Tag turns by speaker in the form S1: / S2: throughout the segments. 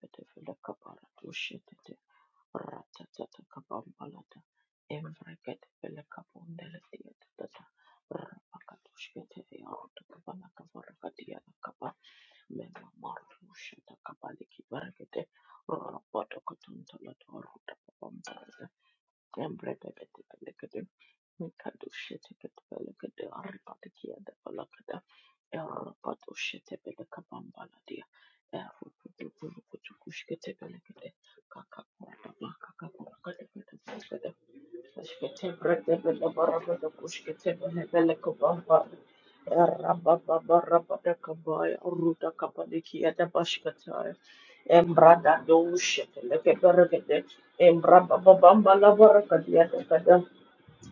S1: Petefila kaparatu shetete ratatata kapambalata emfrekete pele kapundele tiyatata rapakatu shetete yarutu kapala kavarakatia kapa mema maru shata kapali kibarakete rapato katuntalata ruta kapambalata अंबरे बेबे तो बेलेगे दूँ मैं खर्दुशे चेकेत बेलेगे दूँ और पाते किया द पला के द यहाँ रोपा दुश्यते बेटा कपाम बाला दिया यहाँ वो कुछ वो कुछ कुछ के चेकेलेगे दूँ काका पोला काका पोला कटे बेटा दूँ के दूँ Kushkete brete bele baraba da kushkete bele bele kababa. Rabba baba rabba da kabaya ruda kabadiki ya da bashkata. Embra da doshete leke berekete. Embra baba bamba la baraka dia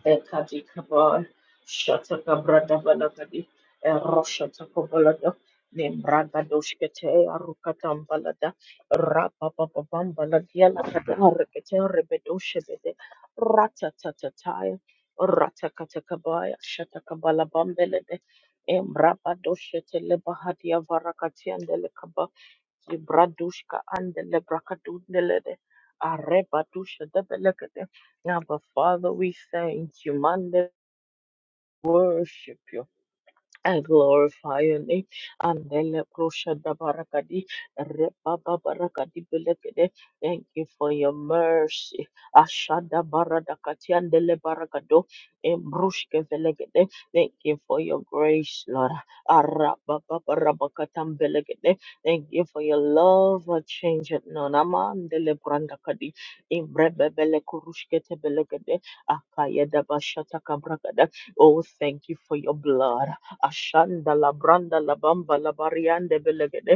S1: Ekati Kabar, Shataka Brada Balagadi, Eroshataka Balada, Nembraga Doshkete, Arukatam Balada, Rapapapam Baladia Lakada, Rekete Rebedoshebede, Ratatatataya, Ratakatakabaya, Shataka Balabambelede, Embrapa Doshete Lebahadia Varakatian Bradushka and the Brakadundelede Arebatusha Debelekete. Now, but Father, we thank you. Man, worship you. I glorify your name. Andele Proshada Barakadi Rebaba Barakadi Belegede. Thank you for your mercy. Ashada Baradakati Andele Barakado Embrushke Velegede. Thank you for your grace, Lord. Arababa Barabakatam Belegede. Thank you for your love that changes none. Amandele Brandakadi Imbrebe Bele Kurushkete Belegede. Akayeda Bashata Kabrakada. Oh, thank you for your blood. ashanda la branda la bamba la bariande belegede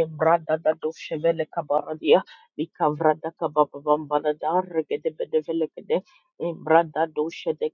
S1: embrada da doshevele kabaradia likavrada kababamba la dargede bedevelegede embrada doshe de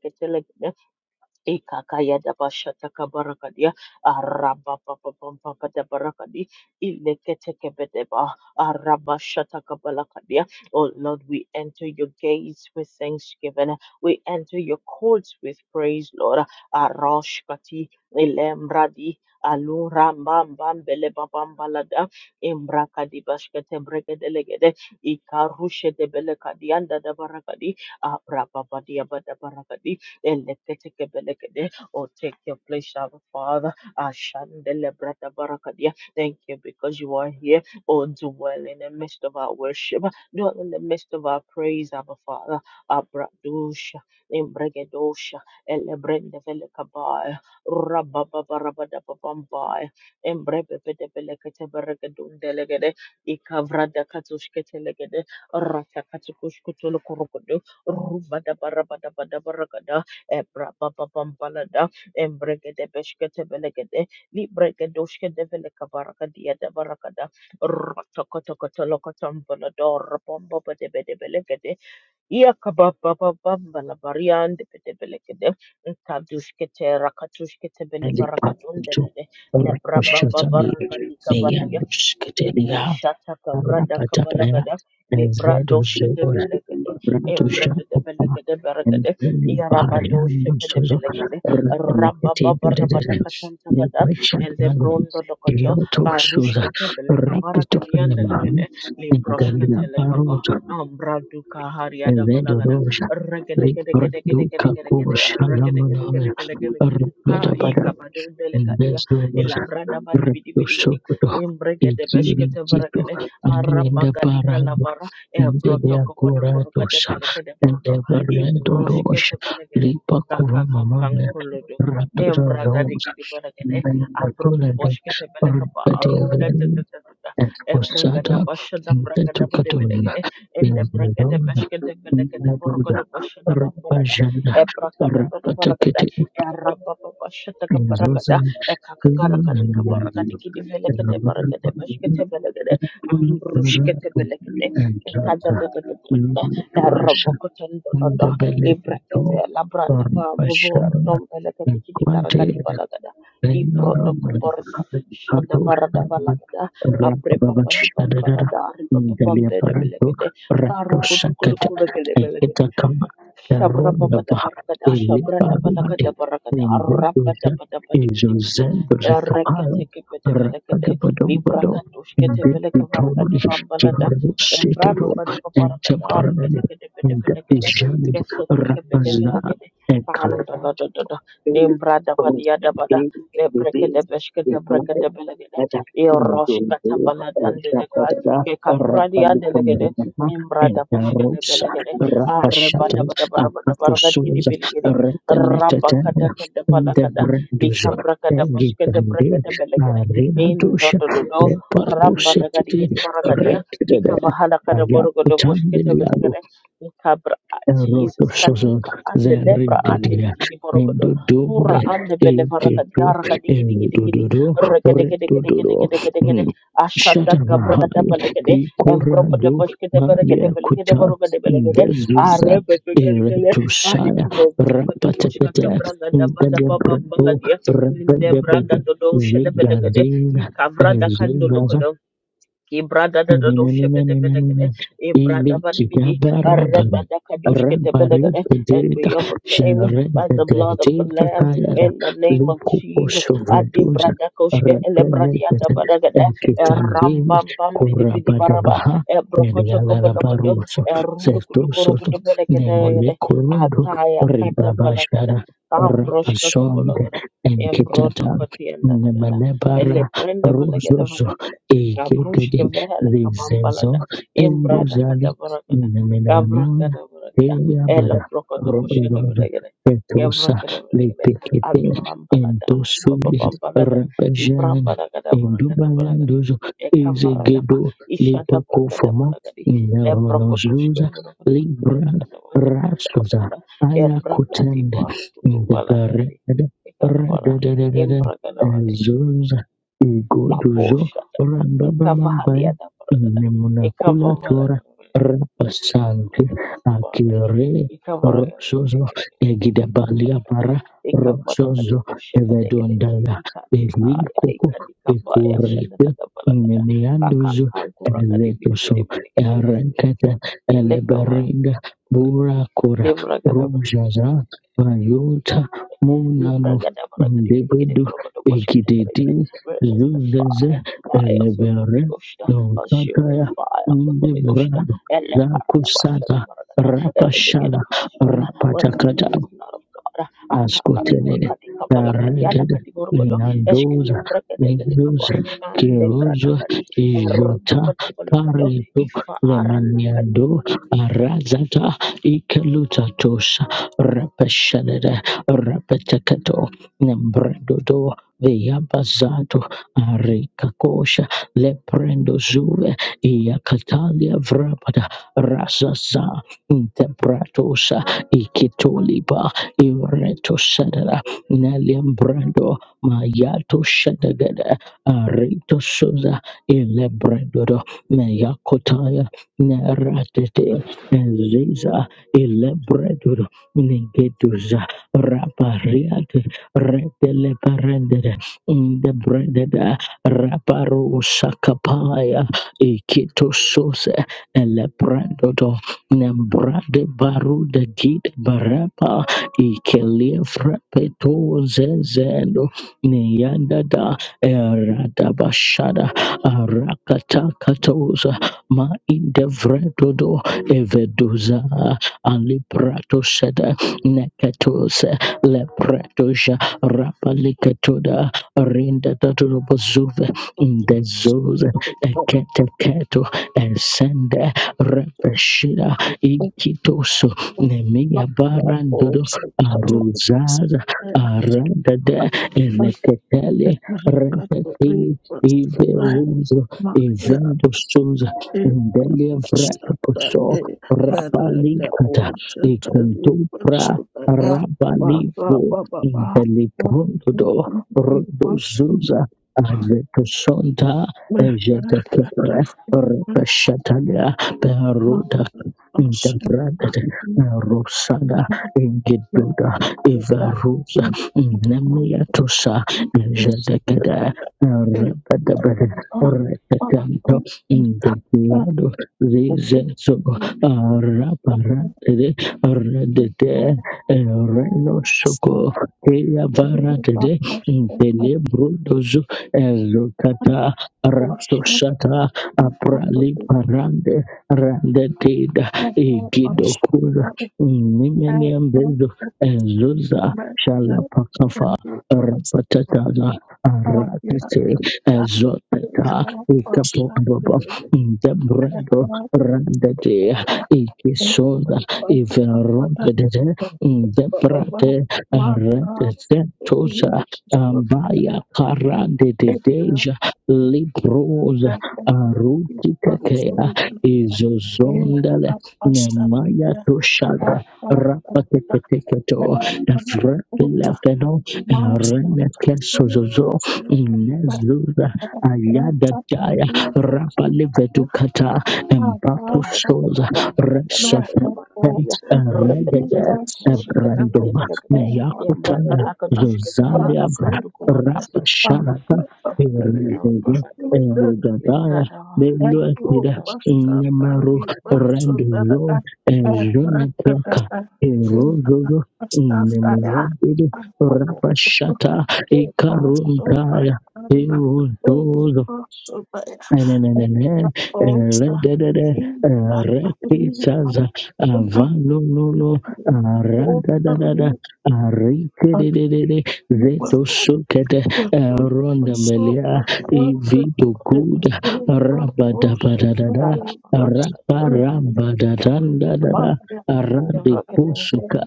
S1: Ikakaya dabashata kabarakadia. Arabababababa dabarakadi. Ileketekebedeba. Arabashata kabalakadia. Oh Lord, we enter your gates with thanksgiving. We enter your courts with praise, Lord. Aroshkati ilembradi. Alurambambambelebabambalada. Imbrakadi bashkete bregedelegede. Ikarushe debelekadianda dabarakadi. Abrababadiabadabarakadi. Eleketekebelegede. Oh, take your place, our Father. Ashandele brata barakadia. Thank you because you are here. Oh, dwell in the midst of our worship. Dwell in the midst of our praise, our Father. Abradusha, Embregedosha, Elebrendevelekabaya, Rabbabarabadababambaya, Embrebebedebeleketeberegedundelegede, Ikavradakatushketelegede, Ratakatukushkutulukurukudu, Rubadabarabadarabadabaraga, Ebra baba bambalada. Embregede beshkete belegede. Libregedoshke develeka baraka dia de barakada. Ratakotakotalokotambalador bomba de bedebelegede. Yakaba baba bambala barian de bedebelegede. Kadushkete rakatushkete belevaraka
S2: Elikakutu
S1: dundelede. Lebra baba
S2: Rakoshotami
S1: baraka di
S2: Meyandushkatelia
S1: Shataka brada
S2: Rapatapaya
S1: kabalagada libra doshe de
S2: Zeduzora
S1: belegade
S2: Ratusha
S1: ebreke de belegade beregade yaraba doshe
S2: Variando
S1: de
S2: Sozo
S1: belegade ramba
S2: Rakete
S1: baba rabada katantalada
S2: Nepasha
S1: elde brondo lokoto
S2: Yoto Suza
S1: karushke te belega baraka dianda legade
S2: Rapitofanam
S1: libroshke
S2: Galina
S1: te lekaba
S2: Barosa
S1: ambra duka hariada balagada
S2: Vedorosa
S1: regede gede
S2: Rikra
S1: gede gede
S2: Duka
S1: gede gede gede regede gede
S2: Kushalamana
S1: gede gede gede gede ha i kabado deleka ia
S2: Nebezoro
S1: ela brada badi bidi bidi
S2: rekusokoto
S1: imbregede beshkete
S2: ikirikitu
S1: beregede
S2: nienda
S1: arabagadi
S2: parando
S1: kalabara e
S2: mbele ya
S1: protoko podo borogade
S2: kuratosa
S1: belegede
S2: ende
S1: bordo
S2: varendo
S1: imbroshkete
S2: rosha
S1: belegede
S2: lipa kuva
S1: kakaka
S2: mamame
S1: kankolodo
S2: radoza
S1: embragadi
S2: zonza
S1: gidi beregede
S2: nenda
S1: abropo
S2: kulende
S1: boshkete belega
S2: rikati
S1: barugade ebregada
S2: esposata
S1: bashada bregada bade
S2: ntetukatonda
S1: belegede ende bregede
S2: inzalona
S1: beshkete belegede
S2: nadoda
S1: borogode boshada bambalada
S2: rapajanda
S1: ebrakada bade borogada
S2: rapatekete
S1: Arababa shata
S2: inzoze in the
S1: ekakakarakadika
S2: belly of
S1: barakadikidi velekede barakede bashkete belegede ambrushkete belegede ekadadadadadada erobokotendolodo
S2: the
S1: librakete
S2: dog,
S1: labranda
S2: or a shadow,
S1: pabobordom
S2: in
S1: velekadikidi karakadi
S2: quantity
S1: balagada ibrodokoborda
S2: Rapazan
S1: shada barada balagada apre baba di bambalada aritoto pambede belegede karukutukulukuregede Shabra baba da barakada, shabra da balaka da barakada, araba da bada badi bidi bidi, ereke teke pete felekede, libraka tushkete veleke varakadi bambalada, embra baba da barakada, arke teke de pete felekede, kese teke pete felekede,
S2: and
S1: panda la da da da,
S2: Thank
S1: limbra da badia da bada, lebreke de beshke de breke de belegede, eroshka tabalada andeleka, ke kakuradi andelegede, embra da boshke de Arabadabadabadabadabaragadikidibirigidi. Rabakadakadabalakada. Likabrakadabushkadabrakadabalagada. Indodododo. Rambalagadikidibaragadia. Likavahalakadaborgodobushkadabalagada. Likabra- kada boska de braka de bele gidi. In do do do do. Ramba la gadi gidi bara gadi ya. Likavahala kada borgo do boska de bele
S2: you.
S1: gidi. Likabra
S2: Roto
S1: Jesus
S2: sozo
S1: kaduka ande lebra ande
S2: zerindelia
S1: likidiborogodo.
S2: mendo
S1: Pura
S2: dobe
S1: ande belevarakadia.
S2: eketo
S1: Rakadikidikidigidi.
S2: endododo redododo
S1: Rakadekadekadekadekadekadekade.
S2: mm,
S1: Ashata
S2: shatamahai
S1: kabrakadabalagade. Em proper the
S2: ikorando
S1: push get the barricade,
S2: malia kuta
S1: the
S2: indezuza
S1: Arebekele,
S2: eretushaya
S1: Ahikubo, Bolokata,
S2: rapatekete
S1: Boshkata, Braga, Daba, Daba,
S2: indelebredo
S1: Bambaladia, Linde, Brada,
S2: rebedebede
S1: Dodo, Shedebedegade,
S2: zegazenga
S1: Ikavra, Dakando, Ibrada da da doshe bede belegede. Ibrada badi bidi. Arreba
S2: Ilikidabarabana,
S1: da kadosh kete belegede. And
S2: rabaribedeta,
S1: we overcame by the blood of the Lamb
S2: shenrebedentepatayada,
S1: in the name of Jesus. Adi
S2: likuposovreduza,
S1: brada koshke ele bradi anda
S2: rebenetete,
S1: badagada. Ram
S2: enkitambili,
S1: bam bam bidi bidi baraba.
S2: kurabadabaha,
S1: Brokoto kobolokodo.
S2: elialalabaruso,
S1: Rundu kudukuru
S2: sestosoto,
S1: kudu belegede.
S2: nemolekurundo,
S1: Akaya kata balagada.
S2: ribabashara,
S1: Ambrosh kata
S2: rabasonde,
S1: balagada. Embrodo
S2: enkitata,
S1: koti anda balagada.
S2: nemanebara,
S1: Ele brenda
S2: rozozo,
S1: belegede Gabrush ke velen ka
S2: Viseso
S1: Imbrada
S2: induzali
S1: kada barakada. Gabra
S2: nemenanoia
S1: kada barakada.
S2: telia
S1: Ela
S2: bara
S1: brokoto bushida
S2: roberodo
S1: belegede. Gabra
S2: petusa
S1: kada belegede.
S2: lepekete
S1: Adu bambalada. Adu baba
S2: entosuli
S1: bambalada.
S2: rapejana
S1: Ibrambala kada barakada barakada.
S2: indubayanduzo
S1: Eka marada ba.
S2: izegedo
S1: Ishada barakada
S2: lipakofomo
S1: balagadi. Le brokoto shke
S2: neronozuza
S1: barakada.
S2: libra
S1: Yana wanya kada
S2: rasuza
S1: barakada. Ebranga di
S2: ayakutende
S1: barukutu balagadi.
S2: ndeberede
S1: ekana namara.
S2: redededede
S1: Imbra kada
S2: ezuza igoduzo
S1: Laboshata,
S2: rambabamambaya
S1: Ikavahadia Daparagada,
S2: Nemunakula tora
S1: Ikavavaragada,
S2: rapasante akire
S1: Kubaragadi, Ikavaragadi,
S2: rosozo egidabalia para
S1: Ikavaragadi,
S2: rosozo
S1: Boshevadegade,
S2: evedondala beli
S1: Ikatikaya,
S2: koko
S1: Ikadikavaya,
S2: ekurete
S1: Shadakada Paragada, Kakan
S2: nemiandozo
S1: Kankuragadi,
S2: eletoso
S1: Biligidi, Biligidi, Biligidi,
S2: erekete
S1: Elekava,
S2: eleberinga burakora
S1: Levragada,
S2: rujaza vayota munano ndebedu egidedi
S1: Release the
S2: zuzeze
S1: fire, fire of the
S2: elebere
S1: Holy Ghost, consuming
S2: Kataya
S1: fire of the Holy Ghost,
S2: Ndebrando
S1: and let
S2: Gakusata
S1: it begin to
S2: Rapashala
S1: consume whatever
S2: Rapatakata
S1: that is not of God.
S2: ascoltere la regede
S1: Akakakurakadikabalakadialakadiborogodo,
S2: linandosa
S1: eshketebrekedebelekabo,
S2: lindosa chirosa igiota parito lemeniando arazata ikelutatosa repescelere repetecato nembredodo veyabazato arikakosha leprendozure iacatalia vrapada razaza intebratosa ikitoliba Ireto Shadara, Nalembrando, Mayato Shadagada, Areto Suza, Ilebrandodo, Nayakotaya, Naratete, Ziza, Ilebrandodo, Nigeduza, Rapariate, Reteleparendere, Indebrandada, Raparu Sakapaya, Ikito Suze, Elebrandodo, Nembrade Baru de Gid Barapa, Ikeliefrapeto zezendo neyandada eradabashada arakatakatos ma indevredodo evedoza alibratosada nekatos lepretoja rapalikatoda rindadadorobozuve ndezoza
S3: Thank
S2: eketeketo esende repeshida ikitoso nemiyabarandodo Aruzaza Aradada Elekatele Redati Ive Ruzo Evendo Souza Ndelia Vrato Poso Rabalikata Ekuntupra Rabalipo Inteliprondodo Rodo Zuza Azeto Sonta Ejeta Kepre Repeshatalia Peruta Integrated Rosada, Geduda Ivarusa tosa
S3: you.
S2: Jadakada
S3: It
S2: Rabadabad
S3: uh uh
S2: Retatanto
S3: uh uh
S2: Integrado Zizenso Raparante Redete Reno Soko Tia Varante Intelebrudozo Ezokata Ratosata Aprali Parande Randetida Igidokura Nimenian Bezo Ezuza Shalapakafa Rapatataza Aratete Ezoteta Ikapobobo Debrego Randete Ikisoda Iverotete Debrate Retetetusa
S3: Mata,
S2: Ambaya
S3: a
S2: Karadeteja Librosa Arutitakea
S3: In
S2: Nemaya to Toshada Rapateketeketo Efretilefeno Renekesozozo Inezuza Ayada Daya Rapalivetukata
S1: Redefende
S2: Empatusoza
S1: kabambala zadia tata
S2: Resotem
S1: dia. Repetefele
S2: Eredede
S1: kete
S2: Ebrandova Meyakutaya Zozalia
S1: dia.
S2: Rapasharata Eredede
S1: Kapado.
S3: Thank you.
S2: Erodadaya
S1: Lekada
S3: And you
S2: Beluatida
S1: wata.
S3: must have you must have
S2: Rende
S3: that I
S2: lo Randulo
S3: have that
S2: Ezunekiaka
S3: I you
S2: Erozo
S3: must have that I
S2: Nemiyadu
S3: am okay,
S2: Rabashata
S3: boss, so by
S2: Ikarundaya
S3: Kanda, only boss, so by Osa, he that I leave my
S2: Rekisaza
S3: company,
S2: avalululo
S3: walk
S2: aradadadada
S3: on
S2: arikedededede
S3: me, I
S2: veto sukete
S3: will
S2: ronda
S3: so
S1: Shete
S2: melia
S3: by
S1: kabado
S3: Kanda,
S1: kubala
S2: ivito
S1: kakor
S3: it
S1: kuto
S2: kuda
S1: shete
S3: is
S1: kete
S3: a
S1: kete kete.
S3: ocean of
S2: rabadabadadada
S1: Darapa kata kadush
S3: the
S1: kete kete kete kabarudu kubara
S2: raparabadadadada
S3: Mafia
S2: arade kusuka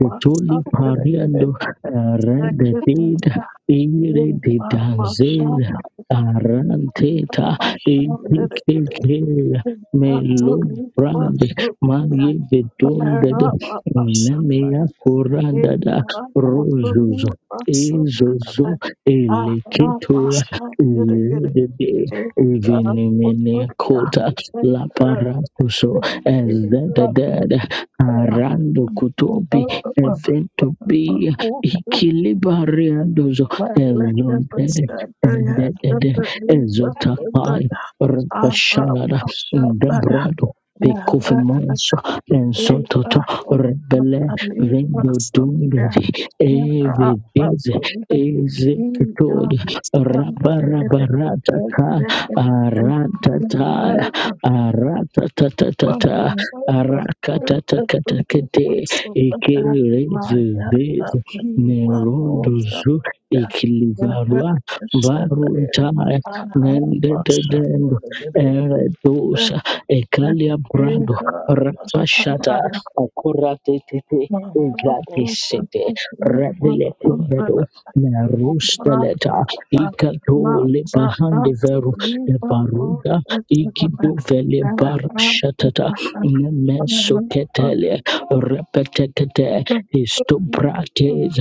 S2: ketuli pariando rededida ire didanzera aranteta Ekekeke melombrande maye vedondede nemeya korandada rozozo ezozo eleketora iredede evenemenekota laparakuso ezededede arando kutobi
S3: Ah,
S2: eventopia
S3: Okay,
S2: ikilibariandozo
S3: my letter was
S2: ezondede
S3: that I had to
S2: ezedede
S3: believe
S2: ezotakai
S3: that I have a
S2: Rabashanada
S3: passion that I
S2: Debrado
S3: have a
S2: Bekovimansa and
S3: gave a
S2: Zototo
S3: hope that
S2: Rebele
S3: I leave
S2: Vendo
S3: us there.
S2: Dundevi
S3: I have
S2: Eve
S3: a
S2: Beze
S3: belief that I
S2: Ezekatod
S3: stand
S2: Rabarabaratata
S3: there and
S2: Aratata
S3: then Thank
S2: Aratatatatata Arakatakatakate Ekelezeze Nerondozu Ekilivarua Barunta Nendedendo eredusa ekalia brado rapashata akurate tete gratisete rebele kumbedo merusteleta ikatole bahande veru ebaruda ikido vele barashatata
S3: you.
S2: nemesoketele repetekete
S3: Thank you.
S2: istobrates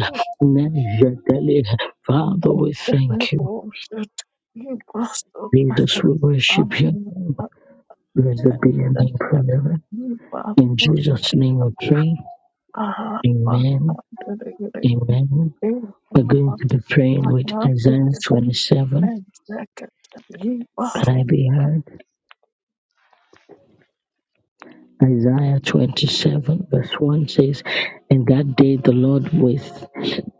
S2: nejedele Father,
S3: It's
S2: we
S3: just nothing
S2: thank you.
S3: we have
S2: Jesus, we worship you. Blessed be your name forever. In Jesus' name we pray. Amen. Amen. We're going to be praying with Isaiah 27. Can I be heard? Isaiah 27, verse 1 says, In that day the Lord with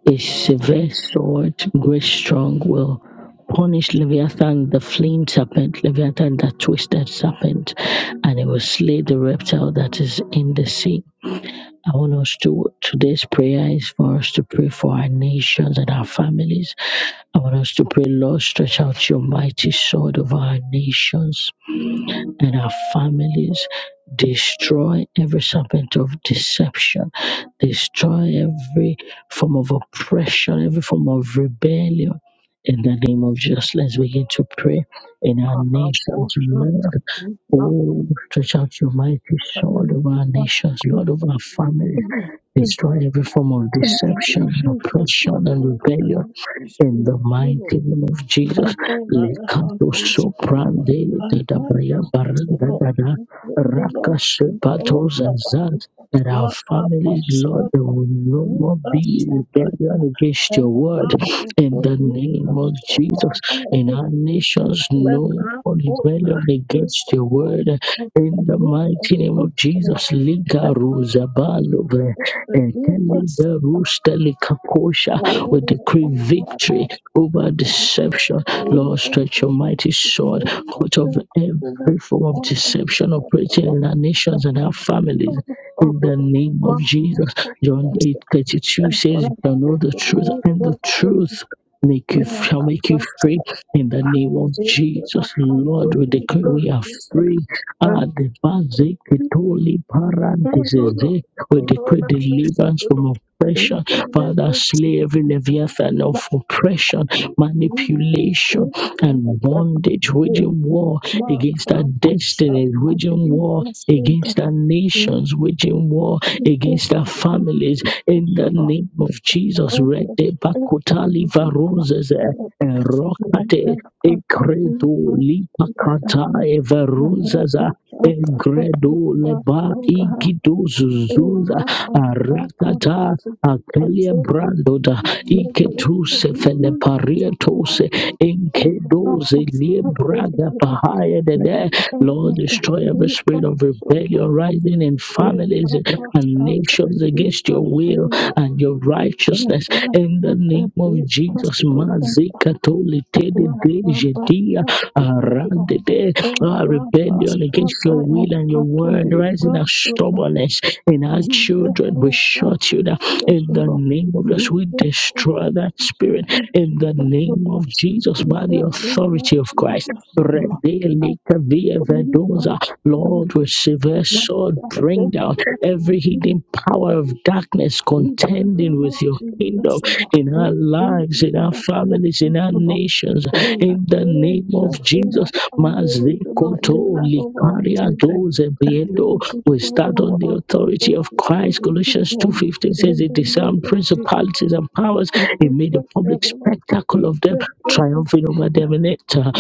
S2: a severe sword, great strong, will punish Leviathan the fleeing serpent, Leviathan that twisted serpent, and it will slay the reptile that is in the sea. I want us to, today's prayer is for us to pray for our nations and our families. I want us to pray, Lord, stretch out your mighty sword over our nations and our families. Destroy every serpent of deception. Destroy every form of oppression, every form of rebellion. In the name of Jesus, let's begin to pray in our nations, Lord. Oh, stretch out your mighty sword over our nations, Lord, over our families. Destroy every form of deception, oppression, and
S3: to
S2: rebellion in the
S3: is
S2: mighty name of Jesus,
S3: and all our
S2: Lekato
S3: hearts of the Lord.
S2: Soprande
S3: Our
S2: Dadabaya
S3: practice is the
S2: Baranda
S3: Lord.
S2: Dada
S3: The Lord
S2: Raka
S3: and all
S2: Sepatos
S3: that
S2: and
S3: are with
S2: Zant
S3: us.
S2: that our
S3: Not our
S2: families, Lord,
S3: ourselves,
S2: there will no
S3: we
S2: more
S3: us,
S2: be
S3: O God.
S2: rebellion against your
S3: And
S2: word.
S3: our good,
S2: In the
S3: we
S2: name
S3: us,
S2: of
S3: O God.
S2: Jesus,
S3: Our
S2: in
S3: good, I
S2: our
S3: could put you.
S2: nations,
S3: let
S2: no
S3: our
S2: more
S3: order,
S2: rebellion
S3: we
S2: against
S3: us,
S2: your
S3: O
S2: word.
S3: God.
S2: In the
S3: We
S2: mighty
S3: us,
S2: name
S3: O
S2: of
S3: God.
S2: Jesus,
S3: Let
S2: Lika Ruzabalo,
S3: us, you us,
S2: Teliza Rusteli we decree
S3: O
S2: victory over
S3: God.
S2: deception. Lord,
S3: Thank
S2: stretch your mighty sword out of every form of deception operating in our nations and our families. In the name of Jesus, John eight thirty two says, "You shall know the truth, and the truth make you shall make you free." In the name of Jesus, Lord, we decree we are free. Ah, the bazik, the toli, paranthesis, we decree deliverance from oppression Father, slay every Leviathan of oppression, manipulation, and bondage, waging war against our destinies, waging war
S3: you.
S2: against our
S3: Thank
S2: nations, waging war
S3: you.
S2: against our families. In the name of Jesus, Rede Bakutali Varoses, Rokate. Ekredo lipakata everuza Egredo leba igido zuzuza arakata akelia brandoda iketuse fele parietose inkedoze liebraga pahaya dede. Lord, destroy every spirit of rebellion rising in families and nations against your will and your
S3: Jesus,
S2: righteousness
S3: Lord,
S2: in the name of Jesus. Mazika tole tede de Jedia, Arandede, our rebellion against your will and your word, rising our stubbornness in our children. We shut you down in the name of Jesus. We destroy that spirit in the name of Jesus by the authority of Christ. Redelikaviavedosa. Lord, with severe sword, bring down every hidden power of darkness contending with your kingdom in our
S3: every
S2: lives, in our
S3: evil that
S2: families,
S3: is,
S2: in our
S3: Lord.
S2: nations.
S3: Amen.
S2: In the name
S3: Shalom.
S2: of Jesus,
S3: Amen. Lord,
S2: Mazekoto
S3: deliver our
S2: Likaria
S3: children.
S2: Doze
S3: That they
S2: Biendo.
S3: would be
S2: we
S3: strong
S2: start
S3: in the
S2: on the
S3: Lord.
S2: authority
S3: That
S2: of
S3: they
S2: Christ.
S3: would be
S2: Colossians
S3: strong
S2: 2.15 says
S3: in
S2: it
S3: the name
S2: disarmed
S3: of Jesus.
S2: principalities and powers.
S3: We
S2: It
S3: pray
S2: made a
S3: for their
S2: public
S3: mother.
S2: spectacle
S3: We
S2: of them,
S3: pray for their father.
S2: triumphing over them in it. Uh,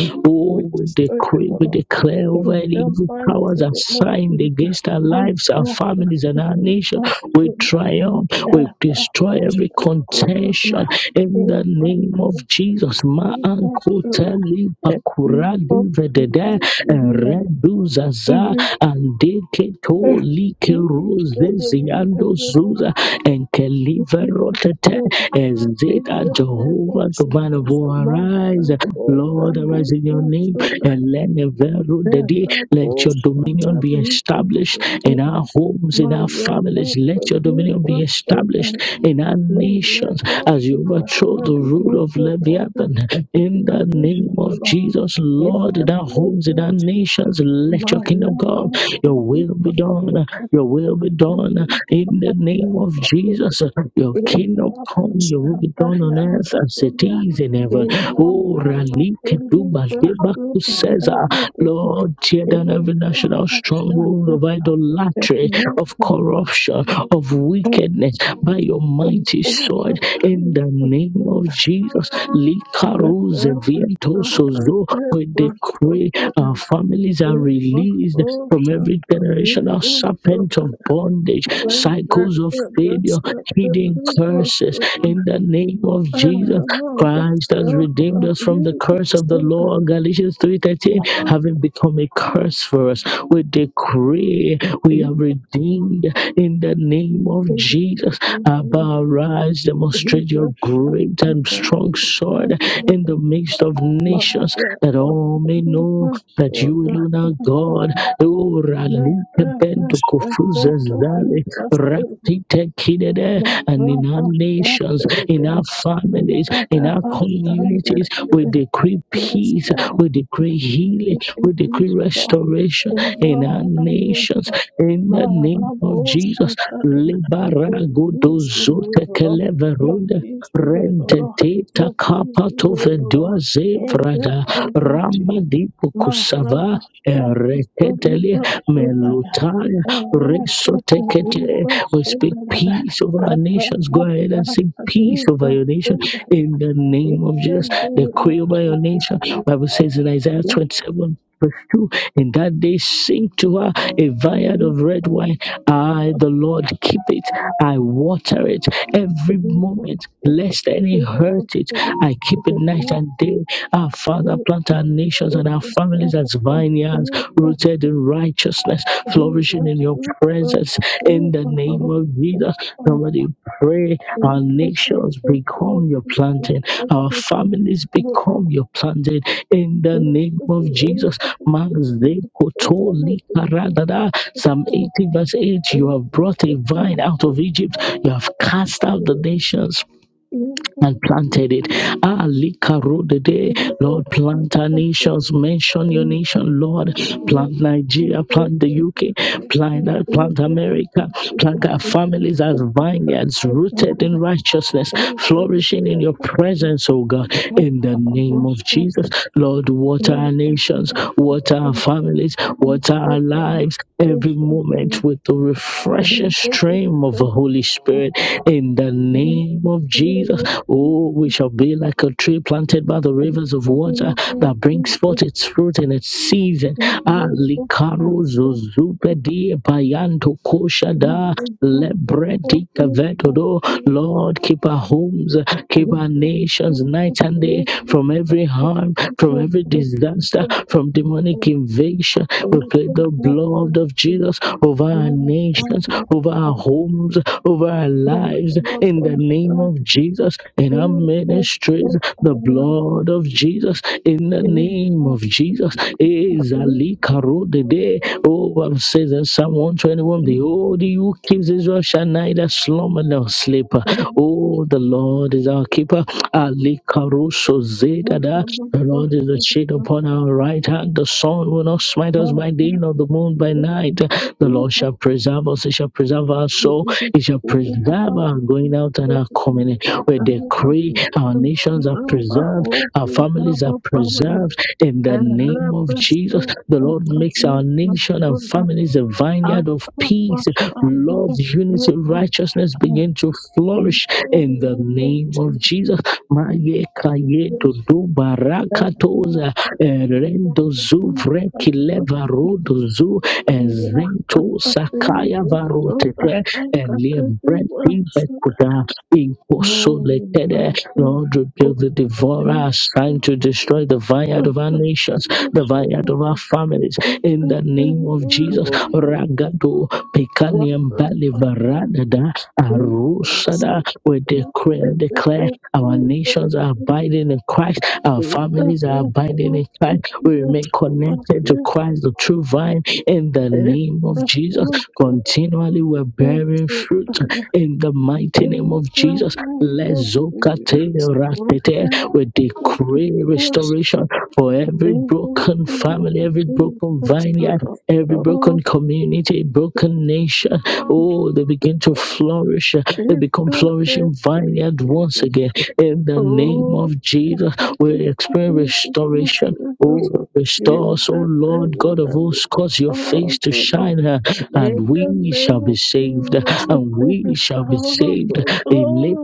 S3: We
S2: Oh, we
S3: pray for their
S2: decree, we
S3: children.
S2: declare
S3: We pray for their grandmother. We pray
S2: over any evil
S3: for
S2: powers
S3: their
S2: assigned against our lives, our
S3: grandfather.
S2: families, and our
S3: We pray
S2: nation.
S3: for their mother. We pray for their father. We pray for their
S2: We
S3: children.
S2: triumph.
S3: We pray for their mother. We pray
S2: We
S3: for their
S2: destroy every
S3: father.
S2: contention in the name of Jesus. Ma
S3: We pray for their children.
S2: ankoteli
S3: every box
S2: bakuradi
S3: of
S2: vedede
S3: that you have
S2: redu zaza
S3: carried,
S2: andeke to
S3: eh,
S2: like
S3: is to
S2: rose
S3: the moon
S2: ziando
S3: and the moon
S2: zuza
S3: is the
S2: enkeliverotete
S3: destruction of in
S2: ezeta
S3: the name of
S2: Jehovah the man of
S3: Jesus.
S2: war arise.
S3: Masha Kota
S2: Lord arise in your
S3: Libra
S2: name
S3: Soda
S2: and let the veru
S3: Terra
S2: let your
S3: Bosha
S2: dominion be
S3: Talibra
S2: established
S3: Soda
S2: in our homes, in our
S3: Maya
S2: families. Let
S3: Kota
S2: your dominion be
S3: Libra Soda
S2: established in our
S3: Mele
S2: nations as
S3: Bosha
S2: you overthrow the
S3: Tali
S2: rule of
S3: Lego Water
S2: Leviathan. In
S3: Artificial
S2: the name of
S3: Nations
S2: Jesus,
S3: In
S2: Lord, in
S3: the
S2: our
S3: name
S2: homes, in
S3: of
S2: our
S3: Jesus,
S2: nations, let your
S3: my
S2: kingdom come.
S3: God,
S2: Your
S3: forgive
S2: will be
S3: us for
S2: done.
S3: the
S2: Your will be done
S3: sins of
S2: in the
S3: our
S2: name of
S3: sins.
S2: Jesus. Your
S3: In
S2: kingdom
S3: our
S2: come,
S3: past,
S2: your
S3: I
S2: will
S3: have
S2: be done on earth as it
S3: forgiven.
S2: is in heaven.
S3: In
S2: Oh,
S3: our past,
S2: Ralike
S3: forgive us for
S2: Dubadebaku says,
S3: the sins
S2: Lord, tear down
S3: In
S2: every
S3: our
S2: national
S3: past, I
S2: stronghold
S3: have
S2: of idolatry,
S3: forgiven.
S2: of corruption, of wickedness by your mighty
S3: Also,
S2: sword in
S3: forgive
S2: the
S3: us for the sins of our sins. In our past, forgive us for
S2: name of Jesus. Likaruze Vientosozo, we decree our families are released from every
S3: the sins of
S2: generational
S3: our sins.
S2: serpent of bondage,
S3: Thank
S2: cycles of failure, hidden curses. In the name of Jesus, Christ has redeemed us from the curse of the law. Galatians 3:13, having become a curse for us, we decree we
S3: you.
S2: are redeemed in the name of Jesus. Abba, arise, demonstrate your great and strong sword in the midst of nations, that all may know that you alone are God Ora lite bento kufuza zale rapite kidede and in our nations, in our families, in our communities, we decree peace, we decree healing, we decree restoration in our
S3: Lord, Amen.
S2: nations. In the name of Jesus,
S3: Maraboshataya. Your
S2: liberago
S3: peace will reign,
S2: dozote
S3: O Lord. Your
S2: keleverunde
S3: peace will reign, O
S2: rente
S3: Lord.
S2: teta
S3: Your peace
S2: kapato
S3: will reign, O Lord.
S2: vedua
S3: In the
S2: zefrada
S3: name of Jesus.
S2: ramba dipo Ereketele,
S3: Marabashatulibasundaya.
S2: melutaya, resotekete. We speak
S3: Erakatulibasundaya.
S2: peace over our nations. Go ahead and sing peace over
S3: Arabashatulibasundaya.
S2: your nation in the
S3: In
S2: name of
S3: the
S2: Jesus.
S3: name of
S2: Decree over your
S3: Jesus.
S2: nation. Bible says in Isaiah 27. Verse 2 in that day, sing to her a vineyard of red wine. I, the Lord, keep it. I water it every moment, lest any hurt it. I keep it night
S3: Marabashatulibasundaya.
S2: and day. Our
S3: He
S2: Father,
S3: blessed
S2: plant
S3: us.
S2: our
S3: He
S2: nations and our families as
S3: blessed He
S2: vineyards,
S3: blessed us.
S2: rooted in righteousness,
S3: He blessed us. He
S2: flourishing
S3: blessed
S2: in your
S3: us.
S2: presence. In
S3: He
S2: the name of Jesus,
S3: blessed
S2: Somebody pray our nations become your planting, our families become your planting in the name of Jesus. Mazekotoli karadada. Psalm 80, verse 8 You have brought a vine out of
S3: us.
S2: Egypt, you have cast out the nations and planted it. Ah, Likarodede. Lord, plant our nations. Mention your nation, Lord. Plant Nigeria, plant the UK, plant, uh, plant America, plant our families as vineyards,
S3: He blessed
S2: rooted
S3: us.
S2: in righteousness,
S3: Thank
S2: flourishing in your presence, O God. In the name of Jesus, Lord, water our nations, water our families, water our lives lives every moment with the refreshing stream of the Holy Spirit in the name of Jesus. Oh, we shall be like a tree planted by the rivers of water that brings forth its fruit in its season. Ah, likaro zuzubedi bayanto koshada lebredi kavetodo. Lord, keep our homes, keep our nations protections night and day from every harm, from every disaster, from
S3: you.
S2: demonic invasion. We
S3: And
S2: plead the blood of Jesus over our nations, over our homes, over our lives, in the name of Jesus, in our ministries, the blood of Jesus, in the name of Jesus. Eh, Zali Karo Dede. Oh, I'm saying that someone 121 Behold, he who keeps Israel shall neither slumber nor sleep. Oh, the Lord is our keeper. Ali Karuso Zedada. The Lord is the shade upon our right hand. The sun will not smite us by day, nor the moon by night. The Lord shall preserve us. He shall preserve our soul. He shall preserve our going out and our coming in. We decree our nations are preserved. Our families are preserved in the name
S3: her
S2: of
S3: best
S2: Jesus. The Lord
S3: of
S2: makes our nation and
S3: you.
S2: families a vineyard
S3: I'm
S2: of
S3: gonna flush
S2: peace.
S3: out the
S2: Love,
S3: vehicle
S2: unity,
S3: tank
S2: righteousness begin to flourish
S3: the
S2: in the
S3: vehicle
S2: name of
S3: tank
S2: Jesus. Maye kaye to
S3: is
S2: do
S3: back on the
S2: barakatoza
S3: front of
S2: erendo zu
S3: the
S2: vreki leva zu
S3: fire. Got
S2: ezento
S3: the thing
S2: sakaya
S3: is so
S2: varotete
S3: I got
S2: elie
S3: to do
S2: brenti
S3: what's in
S2: bekuda
S3: Oh,
S2: inkosoletede
S3: I think
S2: Lord,
S3: it's been
S2: rebuke the devourer
S3: a good
S2: assigned to destroy the vineyard of our
S3: person.
S2: nations, the vineyard of our families.
S3: It's
S2: In
S3: the
S2: the name
S3: thing
S2: of Jesus,
S3: will be, but
S2: Ragado,
S3: what
S2: Pekani, and
S3: the
S2: Bali,
S3: fuck does it
S2: Varadada,
S3: mean? It's
S2: Arusada,
S3: so
S2: we decree and declare
S3: the
S2: our nations are abiding in Christ, our
S3: It
S2: families are abiding in Christ. We remain connected to Christ, the true vine, in the name of Jesus. Continually, we're bearing fruit in the mighty name of Jesus. Lezokate ratete. We decree restoration for every broken family, every broken vineyard, every broken community, broken nation. Oh, they begin to flourish. They become flourishing vineyard once again. In the name of Jesus, we experience restoration Oh, restore us, O
S3: that they
S2: Lord
S3: will
S2: God of
S3: never.
S2: hosts, cause your face to
S3: Oh,
S2: shine, uh,
S3: In
S2: and
S3: the
S2: we shall
S3: name
S2: be
S3: of
S2: saved, uh,
S3: Jesus, the
S2: and
S3: thief
S2: we
S3: is
S2: shall be
S3: gone
S2: saved.
S3: from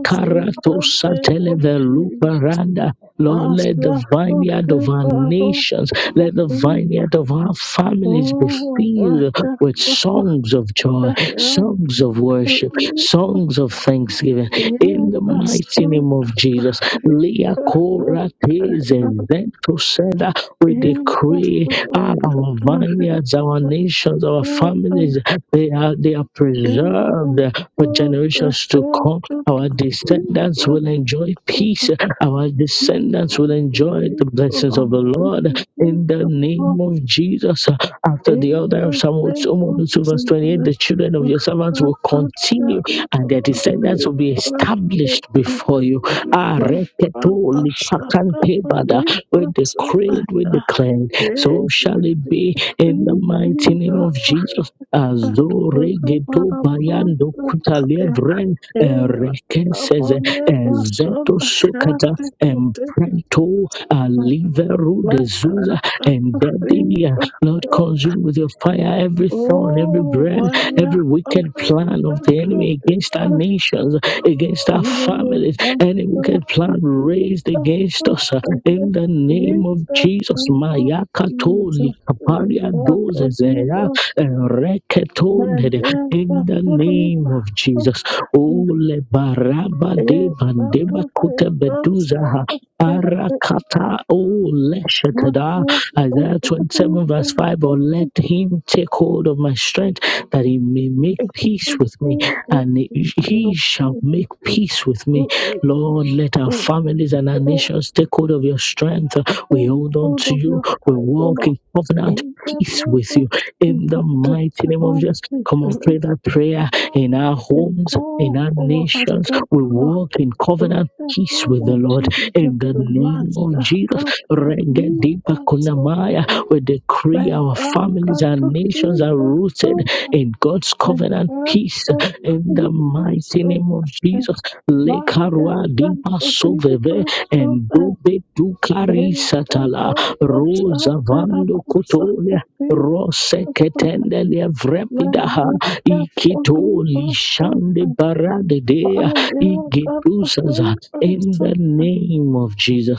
S3: us. In the name of Jesus,
S2: sateleveluparanda. Lord, let the
S3: Master, put
S2: vineyard of
S3: him
S2: our
S3: back on
S2: nations,
S3: the
S2: let the
S3: feet.
S2: vineyard of our families be
S3: Oh,
S2: filled
S3: my
S2: filled
S3: God,
S2: with
S3: come on,
S2: songs of joy,
S3: help me.
S2: songs of worship, songs of thanksgiving. In
S3: In
S2: the
S3: the
S2: mighty
S3: soul,
S2: name of Jesus,
S3: in
S2: Lia
S3: the soul,
S2: Kora Teze Vento Seda, we
S3: in the
S2: decree
S3: soul,
S2: ah,
S3: the feet,
S2: our
S3: the soul, in the
S2: vineyards, our nations, our families, they are, they are preserved for
S3: soul, the
S2: generations to
S3: help,
S2: come. Our
S3: the
S2: descendants will enjoy
S3: feet,
S2: peace. Our
S3: In
S2: descendants will
S3: the
S2: enjoy the
S3: name
S2: blessings of the
S3: of
S2: Lord in the
S3: Jesus, God, usher
S2: name
S3: us
S2: of Jesus. After the
S3: in,
S2: order
S3: usher
S2: of
S3: us
S2: Psalm
S3: in,
S2: 102, verse 28, the children of
S3: God,
S2: your servants will continue
S3: usher
S2: and their
S3: us
S2: descendants
S3: in,
S2: will be established before you. Ah, reketo lipakantebada. We
S3: usher
S2: decree, we
S3: us
S2: declare. So
S3: in.
S2: shall it be in the
S3: In
S2: mighty name of
S3: Jesus'
S2: Jesus. Azore geto bayando kuta levren rekesez ezeto sukata empreto aliveru de zuza and Lord,
S3: Uh,
S2: consume with your fire every thorn, every
S3: Oh,
S2: brand,
S3: vaya
S2: every
S3: a
S2: wicked
S3: ser
S2: plan
S3: la
S2: of the enemy
S3: trompeta.
S2: against our nations, against our
S3: Oh,
S2: families,
S3: las
S2: any wicked plan raised
S3: trompetas
S2: against us. uh,
S3: tocan estas
S2: In the name of Jesus,
S3: como
S2: Maya Katoli
S3: hijos de
S2: Kaparia
S3: la
S2: Dozezera
S3: prima.
S2: Reketonede.
S3: Vaya
S2: In
S3: la
S2: the
S3: prima.
S2: name of Jesus, Ole Baraba de
S3: Eh, la
S2: Bandeba
S3: trompeta suena
S2: Kutebeduzaha.
S3: siempre.
S2: Arakata
S3: Vaya
S2: o
S3: la
S2: Isaiah 27, verse
S3: prima.
S2: 5 Or let him take hold of my strength that he may make
S3: Eh,
S2: peace with me, and he shall make peace with me.
S3: la
S2: Lord, let our
S3: prima.
S2: families and our
S3: Lord,
S2: nations take hold of your strength.
S3: take
S2: We hold on
S3: hold
S2: to
S3: of
S2: you.
S3: your
S2: We
S3: side,
S2: walk in covenant
S3: in the
S2: peace
S3: name
S2: with
S3: of
S2: you.
S3: Jesus,
S2: In the
S3: and
S2: mighty name of
S3: divine
S2: Jesus, come
S3: patience,
S2: on, pray that prayer in our
S3: take
S2: homes, in
S3: hold
S2: our
S3: of our
S2: nations.
S3: strength,
S2: We
S3: O Lord,
S2: walk in
S3: in
S2: covenant
S3: the
S2: peace
S3: name
S2: with the
S3: of
S2: Lord.
S3: Jesus,
S2: In the
S3: the
S2: name of
S3: Master,
S2: Jesus.
S3: God, that leave
S2: Regedipa
S3: us, O
S2: Kunamaya.
S3: Lord,
S2: We decree
S3: and
S2: our
S3: then
S2: families
S3: God,
S2: and
S3: to
S2: nations
S3: leave
S2: are
S3: us, O
S2: rooted
S3: Lord,
S2: in God's
S3: and
S2: covenant
S3: God,
S2: peace
S3: to
S2: in the
S3: leave us,
S2: mighty
S3: O Lord,
S2: name of
S3: and
S2: Jesus.
S3: God,
S2: Lekarua Dipa
S3: to leave
S2: Soveve
S3: us, O
S2: and Dobe Dukari
S3: Thank
S2: Satala Rosa Vando Kotolia. Rose ketendelia vrepidaha ikito lishande baradedea igetusaza in the name of Jesus.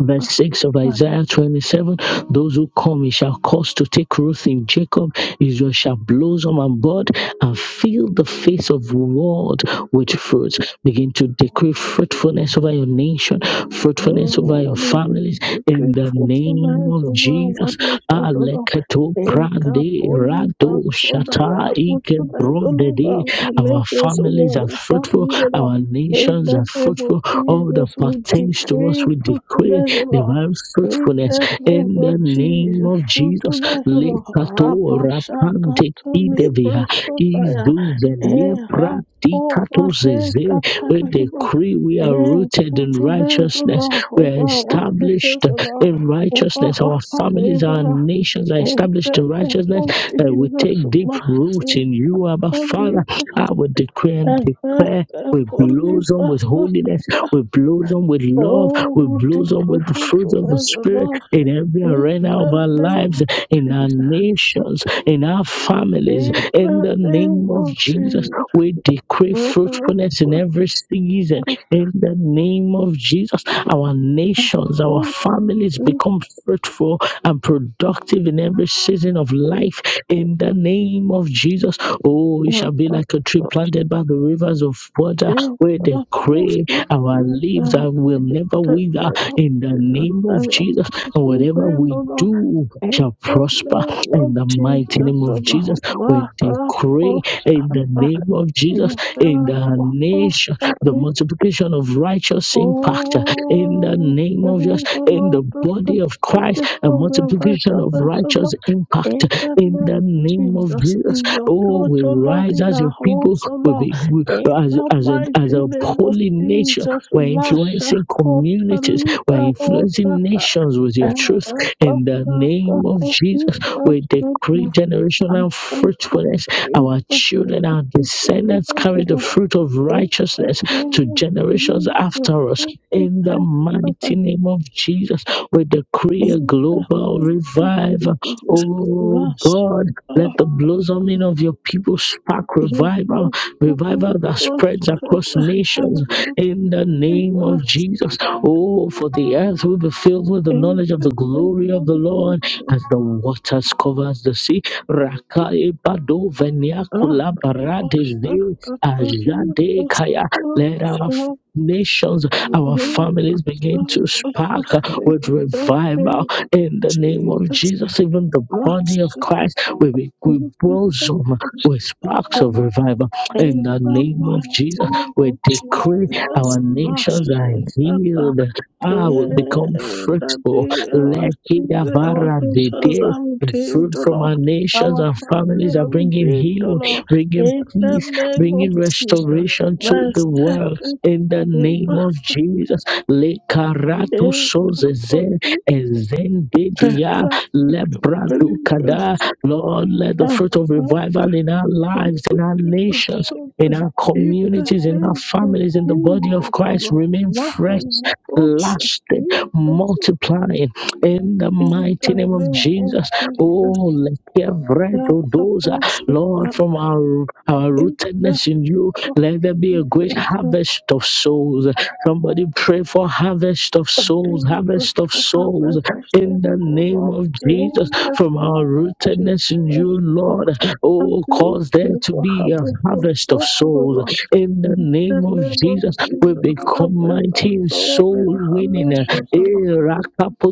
S2: Verse 6 of
S3: you.
S2: Isaiah 27 Those who come, he shall cause to take root in Jacob. Israel shall blossom and bud and fill the face of the world with fruits. Begin to decree fruitfulness over your nation, fruitfulness
S3: Oh,
S2: over your
S3: what are the
S2: families
S3: the
S2: in the name
S3: gratefulness
S2: of
S3: of our one
S2: Jesus.
S3: nation, O Lord.
S2: Meleketo
S3: Eka
S2: Prande
S3: poli
S2: Rado
S3: basoda
S2: Shata
S3: ya
S2: Ike
S3: fruitfulness, O Lord,
S2: Brondedi.
S3: of our
S2: Our
S3: nations, O
S2: families are
S3: Lord, our
S2: fruitful,
S3: families, O Lord.
S2: our
S3: In
S2: nations
S3: the
S2: are
S3: name of
S2: fruitful. All that
S3: Jesus, we
S2: pertains to us,
S3: decree
S2: we decree
S3: fruitfulness, O Lord.
S2: divine
S3: In
S2: fruitfulness
S3: the name
S2: in the
S3: of
S2: name
S3: Jesus,
S2: of Jesus.
S3: fruitfulness, O Lord.
S2: Lekato
S3: Rabashaka
S2: Rapande
S3: to
S2: Idevia
S3: libra soda ya.
S2: Izuzelia
S3: Eha po
S2: Pratikato Zeze. We decree we are
S3: libra.
S2: rooted in righteousness.
S3: Utsumezula
S2: We are
S3: over what wishes
S2: established
S3: Allah
S2: in
S3: over
S2: righteousness.
S3: her
S2: Our
S3: family
S2: families, our nations are
S3: in
S2: established in
S3: the name
S2: righteousness.
S3: of
S2: Uh, we
S3: Jesus
S2: take deep root
S3: mercy
S2: in you, Abba
S3: only
S2: Father. I will decree and
S3: and
S2: declare. We
S3: only
S2: blossom with
S3: masters
S2: holiness. We blossom with love.
S3: oh
S2: We
S3: we
S2: blossom
S3: decree
S2: with the fruit of the Spirit
S3: Utsumezula
S2: in every
S3: in
S2: arena of
S3: the
S2: our
S3: name
S2: lives,
S3: of
S2: in our
S3: Jesus
S2: nations, in our families.
S3: in the
S2: In the
S3: name
S2: name of
S3: of
S2: Jesus,
S3: Jesus
S2: we decree
S3: wherever
S2: fruitfulness in every season in the name of Jesus, our nations, our families become fruitful and productive in every season of life. In the name of Jesus, oh, we shall be like a tree
S3: we
S2: planted by the rivers of water
S3: And
S2: where they
S3: I've
S2: crave
S3: also
S2: our
S3: seen
S2: leaves
S3: that
S2: that will
S3: it
S2: never
S3: took
S2: wither.
S3: the
S2: In the
S3: offices
S2: name of
S3: of
S2: Jesus,
S3: his
S2: and whatever we
S3: grandmother
S2: do
S3: and
S2: shall
S3: the
S2: prosper.
S3: name of
S2: In the mighty
S3: Jesus
S2: name of
S3: on
S2: Jesus,
S3: the
S2: we
S3: Maha
S2: decree in the
S3: Posada
S2: name of Jesus
S3: and
S2: in the nation the
S3: the
S2: multiplication of righteous impact uh, in the
S3: Oh,
S2: name
S3: praise
S2: of Jesus,
S3: the
S2: in the
S3: Lord, that's the
S2: body of
S3: most
S2: Christ, a
S3: beautiful way of
S2: multiplication of
S3: righteousness, O Lord.
S2: righteous impact
S3: In
S2: uh,
S3: the
S2: in
S3: name of
S2: the name of
S3: Jesus,
S2: Jesus.
S3: in your
S2: Oh,
S3: church,
S2: we
S3: O Lord,
S2: rise
S3: in
S2: as
S3: our
S2: your people,
S3: homes, O
S2: we
S3: Lord.
S2: be, we,
S3: In
S2: as,
S3: the
S2: as, a,
S3: mighty
S2: as a
S3: name of
S2: holy nation.
S3: Jesus,
S2: We're
S3: Masha
S2: influencing
S3: Kota
S2: communities, we're
S3: Liba
S2: influencing
S3: Rosata.
S2: nations with your truth in the name of Jesus, we decree generational fruitfulness. Our children, our descendants
S3: Thank
S2: carry
S3: you.
S2: the fruit of righteousness to generations after us. In the mighty name of Jesus, we decree a global revival. Oh God, let the blossoming of your people spark revival, revival that spreads across nations in the name of
S3: Jesus,
S2: Jesus. Oh, for the earth will be filled with the knowledge of the glory of the Lord as the waters covers the sea. Rakae bado venia kula barade ze ajade kaya. Let our nations, our families begin to spark with revival in the name of Jesus. Even the body of Christ, will be we blossom with sparks of
S3: Master,
S2: revival in the name of Jesus.
S3: Elamatimu
S2: We decree
S3: Jesus
S2: our nations are
S3: Mashekata
S2: healed. Ah, we become fruitful.
S3: Daddy our
S2: Let
S3: children, our
S2: the
S3: nations
S2: day
S3: are
S2: the
S3: redeemed,
S2: fruit
S3: O
S2: from
S3: Lord.
S2: our nations
S3: Our
S2: and
S3: family
S2: families
S3: are
S2: are bringing
S3: redeemed, O
S2: healing,
S3: Lord.
S2: bringing
S3: In the
S2: peace
S3: name of
S2: bringing
S3: Jesus,
S2: restoration to
S3: my
S2: the world
S3: second
S2: in the
S3: name,
S2: name of Jesus. Le karato
S3: in
S2: sozeze ezendedia lebrado kada. Lord, let the
S3: the
S2: fruit of
S3: body,
S2: revival in our
S3: Jesus,
S2: lives, in our nations, in our
S3: In the
S2: communities, in our
S3: name of
S2: families, in the body of
S3: Jesus,
S2: Christ
S3: Lord,
S2: remain fresh,
S3: Mahalakosha,
S2: lasting,
S3: Jesus,
S2: multiplying in the
S3: in
S2: mighty
S3: the
S2: name of
S3: name of
S2: Jesus. Oh,
S3: Jesus,
S2: let every those, uh, Lord,
S3: Mahalakosha,
S2: from our, our
S3: in the name
S2: rootedness in you,
S3: of
S2: let there be a great
S3: Jesus,
S2: harvest of souls. Somebody pray for harvest of
S3: that you
S2: souls,
S3: will bring
S2: harvest of
S3: to
S2: souls
S3: harvest of
S2: in the
S3: souls, O
S2: name
S3: Lord,
S2: of Jesus.
S3: in the
S2: From our
S3: name of
S2: rootedness in
S3: Jesus,
S2: you,
S3: oh,
S2: Lord,
S3: that
S2: oh,
S3: you will
S2: cause there
S3: bring
S2: to
S3: to
S2: be a
S3: harvest of
S2: harvest of
S3: souls, O
S2: souls
S3: Lord.
S2: in the
S3: In the
S2: name of
S3: name of
S2: Jesus, we
S3: Jesus, I
S2: become
S3: Amen of
S2: mighty in
S3: soul in
S2: soul winning. Eh,
S3: Hamisha's Allah.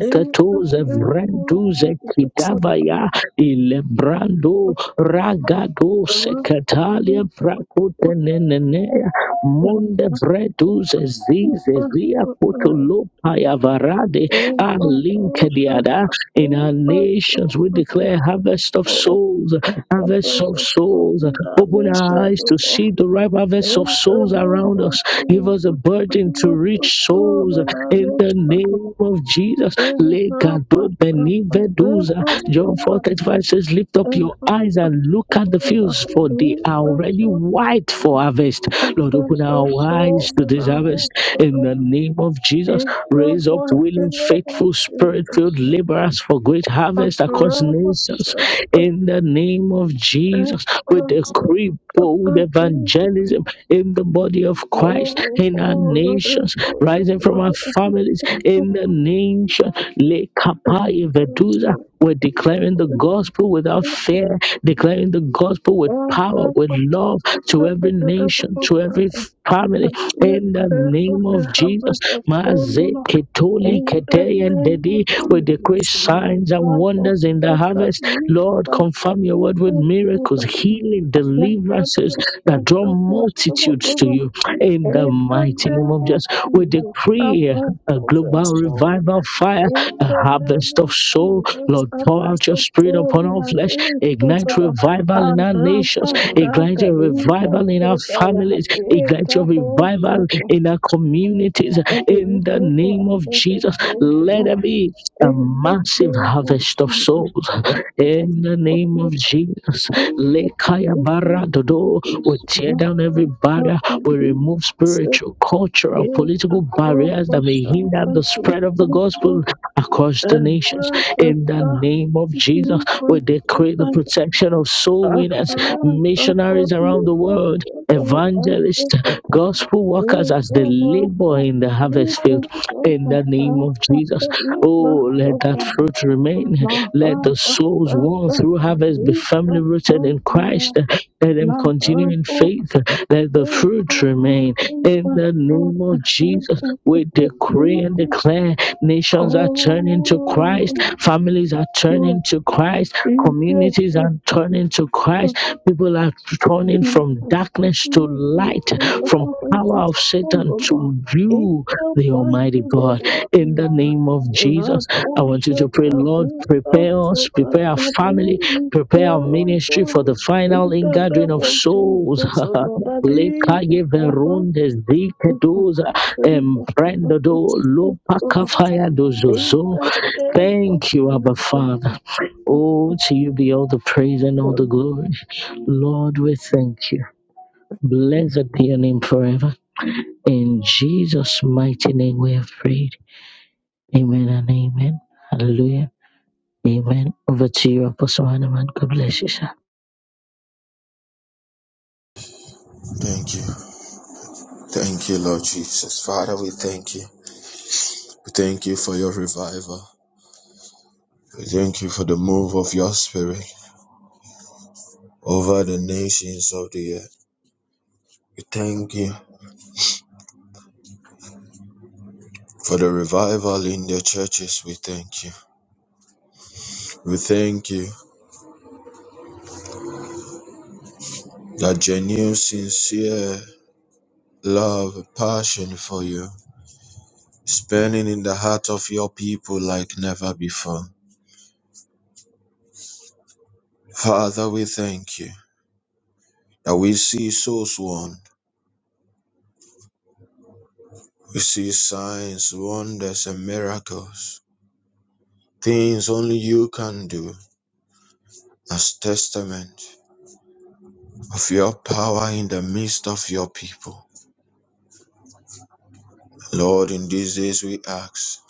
S3: In the name of
S2: vranduza,
S3: Jesus,
S2: kidavaya, ilebrando, ragado, sekatalia, prakotenenene. Munde Vredus Zize Zia Kutulu Payavarade Ah Linkediada in our nations we declare harvest of souls, harvest of souls. Open our eyes to see the ripe harvest of souls around us. Give us a burden to reach souls in the name of Jesus. Legado Benivedusa John
S3: Amen.
S2: 4:35 verse says, lift
S3: of
S2: up your eyes and look at the fields, for they are already white for harvest. Lord, open our
S3: soul
S2: eyes to
S3: and
S2: this
S3: our
S2: harvest
S3: nest
S2: in
S3: of
S2: the name of Jesus.
S3: in the
S2: Raise up
S3: mighty
S2: willing,
S3: name of
S2: faithful, spirit filled
S3: Jesus.
S2: laborers for great
S3: A
S2: harvest across
S3: realm of
S2: nations
S3: suffering
S2: in the name of
S3: and
S2: Jesus. We
S3: answer.
S2: decree bold evangelism in the body of Christ,
S3: Oh,
S2: in our
S3: oh, that
S2: nations, rising from our
S3: is
S2: families in the nation. Le we're declaring the gospel without fear, declaring the gospel with power, with love to every nation, to every family.
S3: we
S2: In the
S3: pray for
S2: name
S3: the
S2: of Jesus,
S3: harvest of
S2: Maze
S3: all
S2: Ketoli
S3: In the
S2: Kete and
S3: name of
S2: Dedi, we decree
S3: Jesus, my
S2: signs and
S3: Father,
S2: wonders in the
S3: Satan,
S2: harvest.
S3: me,
S2: Lord,
S3: Father,
S2: confirm your word with
S3: Father,
S2: miracles,
S3: Father,
S2: healing,
S3: let there be
S2: deliverances
S3: a
S2: that
S3: friend
S2: draw
S3: of your soul,
S2: multitudes
S3: oh,
S2: to
S3: Lord.
S2: you in the
S3: In the
S2: mighty name
S3: name
S2: of
S3: of
S2: Jesus. We
S3: Jesus, a
S2: decree
S3: friend
S2: a
S3: of your
S2: global
S3: soul.
S2: revival fire,
S3: In
S2: a
S3: the name
S2: harvest of
S3: of
S2: soul.
S3: Jesus,
S2: Lord,
S3: a
S2: pour
S3: friend
S2: out your
S3: of
S2: spirit
S3: soul
S2: upon
S3: in
S2: our
S3: my
S2: flesh.
S3: face,
S2: Ignite
S3: Lord.
S2: revival in
S3: As
S2: our nations. Ignite
S3: I
S2: your
S3: Liba,
S2: revival in our
S3: Sota,
S2: families. Ignite your
S3: Yapeta,
S2: revival
S3: Hosata.
S2: in our communities.
S3: What do we
S2: In the
S3: pray for
S2: name of
S3: others of
S2: Jesus,
S3: soul, Lord?
S2: let there be a
S3: In the
S2: massive
S3: name of
S2: harvest of
S3: Jesus,
S2: souls
S3: I thank you
S2: in the
S3: for
S2: name of
S3: your
S2: Jesus.
S3: hand in the
S2: Lekaya
S3: name of
S2: baradodo. We
S3: Jesus.
S2: tear down every
S3: Master,
S2: barrier.
S3: Master,
S2: We
S3: we
S2: remove
S3: set
S2: spiritual, cultural,
S3: in the
S2: political
S3: power
S2: barriers that
S3: of
S2: may hinder
S3: Shabbat,
S2: the
S3: we
S2: spread of the
S3: also
S2: gospel across the
S3: and
S2: nations.
S3: have the
S2: In the
S3: Sahara
S2: name of Jesus, we
S3: of
S2: decree the
S3: the
S2: protection of soul winners,
S3: Ahara, the
S2: missionaries
S3: body
S2: around the
S3: of
S2: world
S3: the
S2: evangelists,
S3: Ahara,
S2: gospel workers
S3: in
S2: as they
S3: the
S2: labor
S3: Master,
S2: in the
S3: we
S2: harvest
S3: the
S2: field in the name
S3: Sahara,
S2: of
S3: the
S2: Jesus.
S3: body of
S2: Oh,
S3: the
S2: let that
S3: Ahara.
S2: fruit remain.
S3: La ha
S2: Let the
S3: ba
S2: souls
S3: ba
S2: won
S3: ba
S2: through
S3: ba
S2: harvest
S3: ri
S2: be
S3: ba
S2: firmly
S3: so
S2: rooted in
S3: ba ya.
S2: Christ. Let them
S3: La ha
S2: continue in
S3: bo
S2: faith. Let the
S3: se ba
S2: fruit
S3: bo
S2: remain
S3: se
S2: in
S3: ba
S2: the
S3: o
S2: name
S3: a
S2: of
S3: ha
S2: Jesus.
S3: ba ba ba
S2: We decree
S3: ri
S2: and
S3: ba. se.
S2: declare nations are turning to Christ,
S3: Oh,
S2: families are turning to Christ, communities are
S3: Jesus,
S2: turning to Christ, people are turning
S3: the
S2: from darkness to light, from
S3: harvest
S2: power
S3: of
S2: of Satan
S3: Sodoma.
S2: to
S3: In
S2: you,
S3: the
S2: the
S3: mighty
S2: Almighty
S3: name
S2: God.
S3: of
S2: In the
S3: Jesus.
S2: name of
S3: La
S2: Jesus, I want you to pray,
S3: Poshata
S2: Lord,
S3: in
S2: prepare us,
S3: Asota,
S2: prepare our family,
S3: Nadine,
S2: prepare our ministry for
S3: Perozo,
S2: the final
S3: in the name
S2: ingathering of
S3: of
S2: souls.
S3: Jesus, O Lord, Nadine,
S2: lekaye
S3: the house
S2: verunde zike
S3: is
S2: doza
S3: in the
S2: emprendo do
S3: harvest of
S2: lupa
S3: Sodoma.
S2: kafaya
S3: In
S2: dozozo.
S3: the name of
S2: Thank you, Abba Father. Oh, to you be all the praise and all
S3: Jesus.
S2: the glory. Lord, we thank you. Blessed be your name forever. In Jesus' mighty name we have prayed. Amen and amen. Hallelujah. Amen. Over to you, Apostle Hanuman. God bless you, sir.
S4: Thank you. Thank you, Lord Jesus. Father, we thank you. We thank you for your revival. We thank you for the move of your spirit over the nations of the earth. We thank you for the revival in the churches. We thank you. We thank you that genuine, sincere love, passion for you is burning in the heart of your people like never before. Father, we thank you that we see souls won We see signs, wonders, and miracles, things only you can do as testament of your power in the midst of your people. Lord, in these days we ask,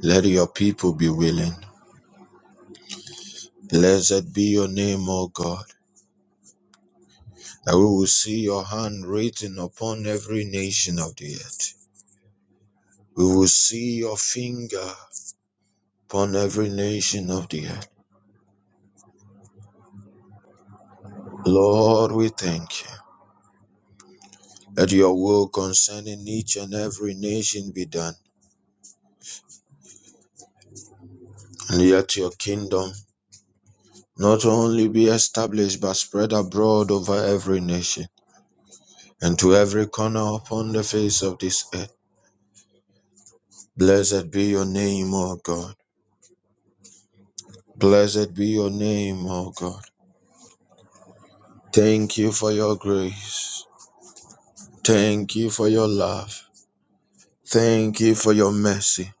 S4: let your people be willing. Blessed be your name, O God, that we will see your hand written upon every nation of the earth. We will see your finger upon every nation of the earth. Lord, we thank you. Let your will concerning each and every nation be done, and let your kingdom not only be established but spread abroad over every nation and to every corner upon the face of this earth. Blessed be your name, O God. Blessed be your name, O God. Thank you for your grace. Thank you for your love. Thank you for your mercy.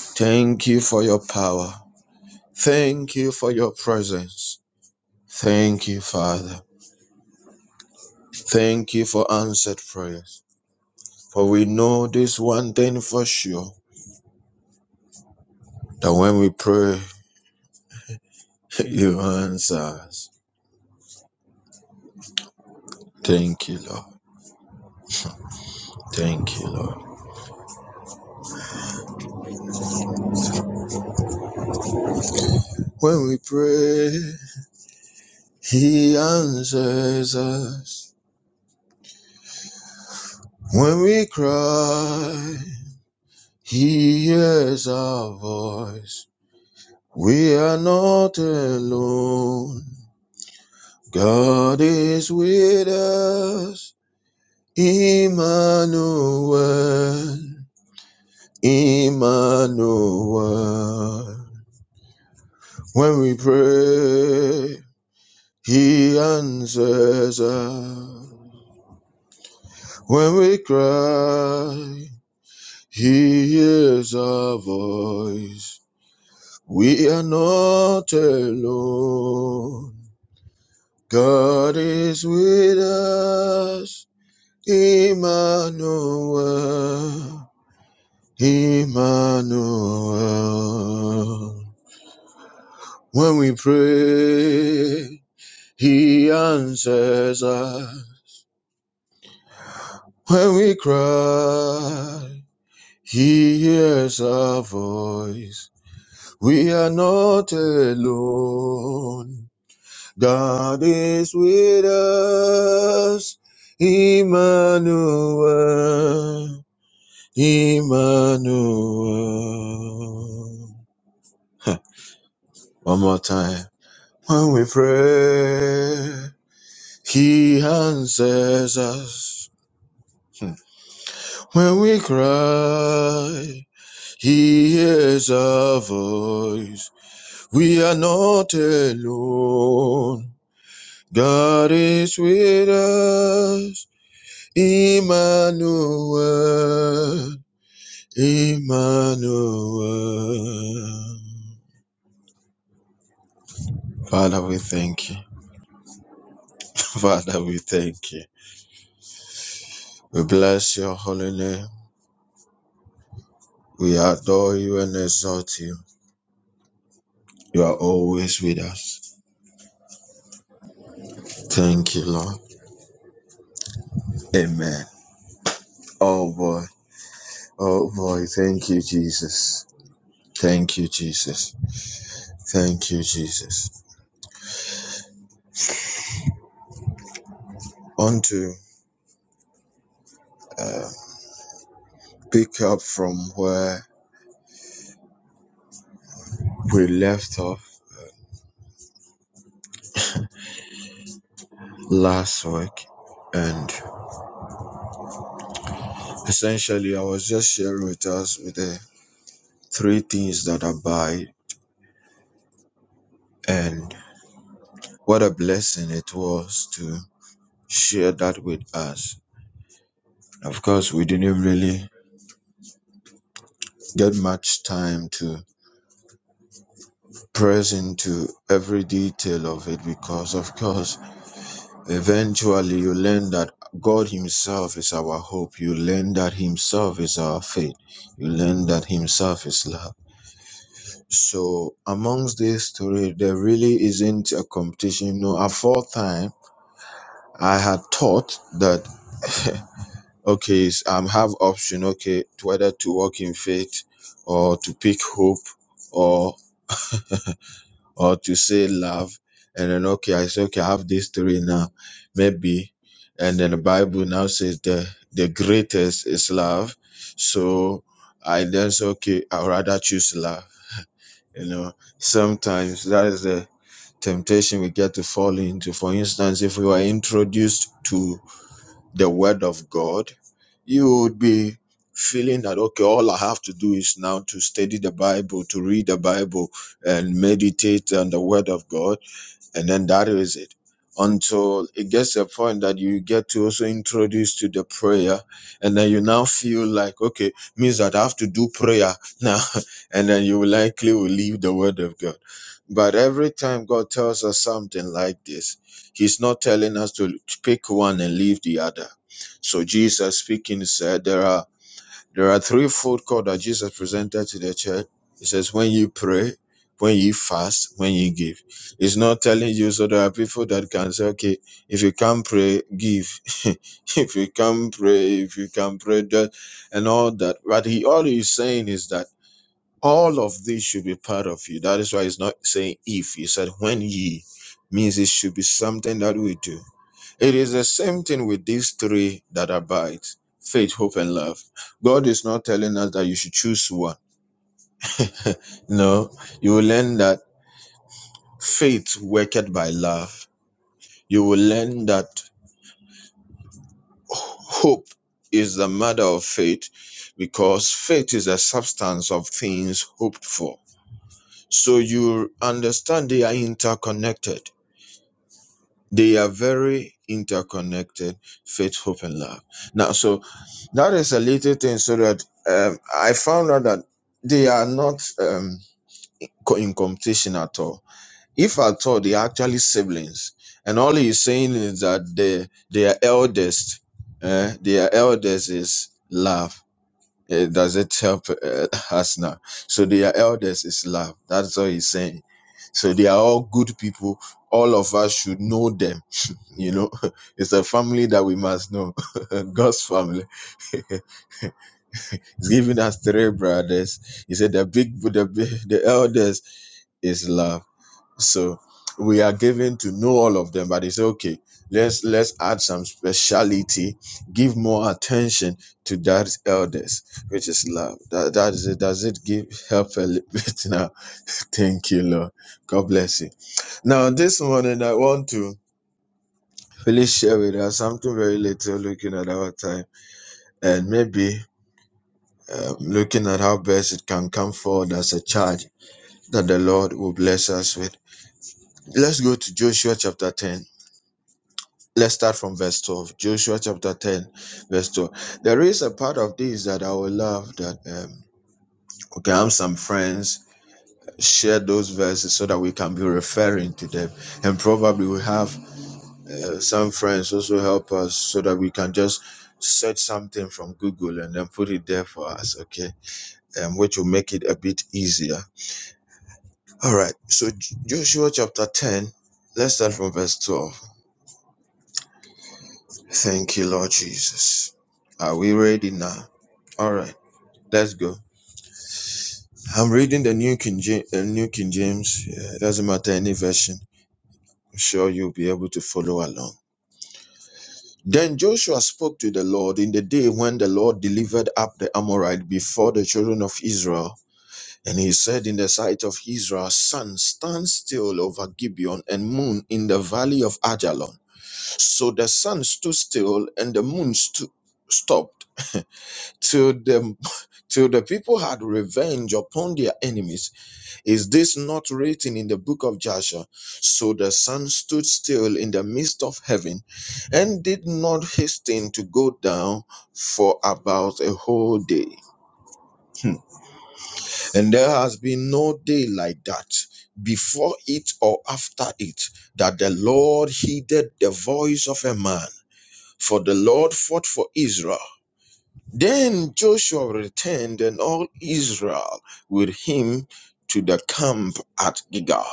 S4: Thank you for your power. Thank you for your presence. Thank you, Father. Thank you for answered prayers. For we know this one thing for sure that when we pray, you answer us. Thank you, Lord. Thank you, Lord. When we pray, He answers us. When we cry, He hears our voice. We are not alone. God is with us. Emmanuel. Emmanuel. When we pray, He answers us. When we cry, He hears our voice. We are not alone. God is with us. Emmanuel. Emmanuel. When we pray, He answers us when we cry. He hears our voice. We are not alone. God is with us. Emmanuel. Emmanuel. Huh, One more time. When we pray, He answers us. When we cry, he hears our voice. We are not alone. God is with us. Emmanuel. Emmanuel. Father, we thank you. Father, we thank you. We bless your holy name. We adore you and exalt you. You are always with us. Thank you, Lord. Amen. Oh boy. Oh boy, thank you, Jesus. Thank you, Jesus. Thank you, Jesus. On to uh, pick up from where we left off last week. And essentially, I was just sharing with us with the three things that abide, and what a blessing it was to share that with us. Of course, we didn't really get much time to press into every detail of it because, of course, Eventually, you learn that God Himself is our hope. You learn that Himself is our faith. You learn that Himself is love. So, amongst this story, there really isn't a competition. No, at fourth time, I had thought that okay, s- um, have option okay, to whether to walk in faith or to pick hope or or to say love and then okay i say okay i have these three now maybe and then the bible now says the the greatest is love so i then say okay i'd rather choose love you know sometimes that is the temptation we get to fall into for instance if we were introduced to the word of god you would be feeling that okay all i have to do is now to study the bible to read the bible and meditate on the word of god and then that is it until it gets to a point that you get to also introduce to the prayer and then you now feel like okay means that i have to do prayer now and then you likely will leave the word of god but every time god tells us something like this he's not telling us to pick one and leave the other so jesus speaking said there are there are three fold call that Jesus presented to the church. He says, when you pray, when you fast, when you give. It's not telling you, so there are people that can say, okay, if you can't pray, give. if you can't pray, if you can pray, that, and all that. But he, all he's saying is that all of this should be part of you. That is why he's not saying if. He said, when ye means it should be something that we do. It is the same thing with these three that abide faith, hope, and love. God is not telling us that you should choose one. No, you will learn that faith worketh by love. You will learn that hope is the mother of faith because faith is the substance of things hoped for. So you understand they are interconnected. They are very interconnected, faith, hope, and love. Now, so That is a little thing, so that um, I found out that they are not um, co- in competition at all. If at all, they are actually siblings, and all he's saying is that they their eldest, uh, their eldest is love. Uh, does it help uh, us now? So their eldest is love. That's all he's saying. So they are all good people. All of us should know them. You know, it's a family that we must know. God's family. He's giving us three brothers. He said the big, the big, the eldest is love. So we are given to know all of them, but it's okay. Let's let's add some speciality. Give more attention to that eldest, which is love. That that is it. Does it give help a little bit now? Thank you, Lord. God bless you. Now this morning I want to really share with us something very little. Looking at our time, and maybe um, looking at how best it can come forward as a charge. that the Lord will bless us with. Let's go to Joshua chapter 10. Let's start from verse 12. Joshua chapter 10, verse 12. There is a part of this that I would love that, um, okay, I'm some friends, share those verses so that we can be referring to them. And probably we have uh, some friends also help us so that we can just search something from Google and then put it there for us, okay? Um, which will make it a bit easier. All right, so Joshua chapter 10, let's start from verse 12. Thank you, Lord Jesus. Are we ready now? All right, let's go. I'm reading the New King James. Uh, New King James. Yeah, it doesn't matter any version. I'm sure you'll be able to follow along. Then Joshua spoke to the Lord in the day when the Lord delivered up the Amorite before the children of Israel. And he said in the sight of Israel, Sun, stand still over Gibeon and moon in the valley of Ajalon. So the sun stood still and the moon stood, stopped till the till the people had revenge upon their enemies is this not written in the book of joshua so the sun stood still in the midst of heaven and did not hasten to go down for about a whole day Hmm. and there has been no day like that before it or after it that the lord heeded the voice of a man for the lord fought for israel Then Joshua returned and all Israel with him to the camp at Gilgal.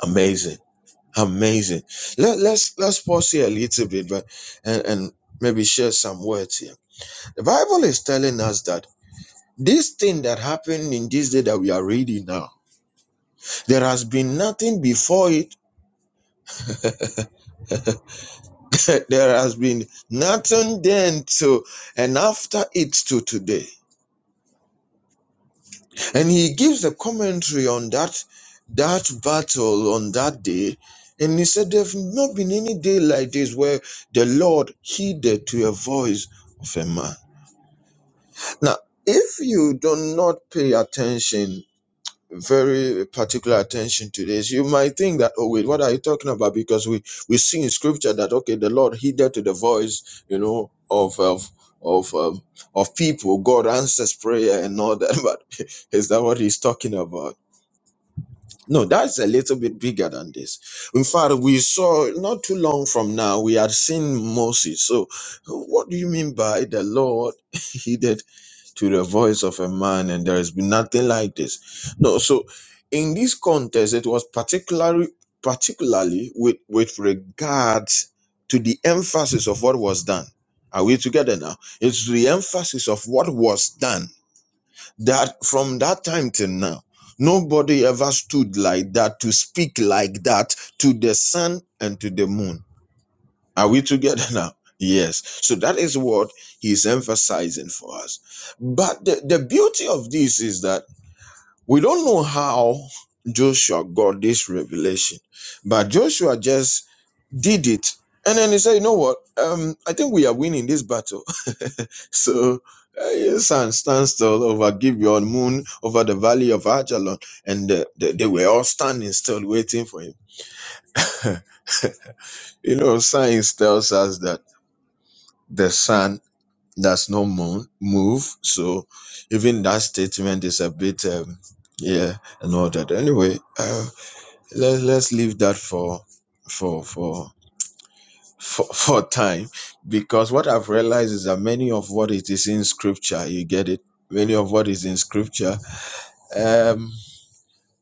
S4: Amazing. Amazing. Let, let's let's pause here a little bit but and, and maybe share some words here. The Bible is telling us that this thing that happened in this day that we are reading now, there has been nothing before it, there has been nothing then to and after it to today. and he gives a commentary on that that battle on that day and he said there've not been any day like this where the lord heeded to a voice of a man now if you do not pay attention very particular attention to this you might think that oh wait what are you talking about because we we see in scripture that okay the lord heeded to the voice you know of of of um, of people god answers prayer and all that but is that what he's talking about no, that's a little bit bigger than this. In fact, we saw not too long from now, we had seen Moses. So, what do you mean by the Lord heeded to the voice of a man and there has been nothing like this? No, so in this context, it was particularly particularly with, with regards to the emphasis of what was done. Are we together now? It's the emphasis of what was done that from that time till now nobody ever stood like that to speak like that to the sun and to the moon are we together now yes so that is what he's emphasizing for us but the, the beauty of this is that we don't know how joshua got this revelation but joshua just did it and then he said you know what um i think we are winning this battle so uh, your son stand still over Gibeon moon over the valley of Ajalon, and uh, they, they were all standing still waiting for him. you know, science tells us that the sun does not moon move, so even that statement is a bit um, yeah and all that. Anyway, uh, let let's leave that for for for. For, for time because what i've realized is that many of what it is in scripture you get it many of what is in scripture Um,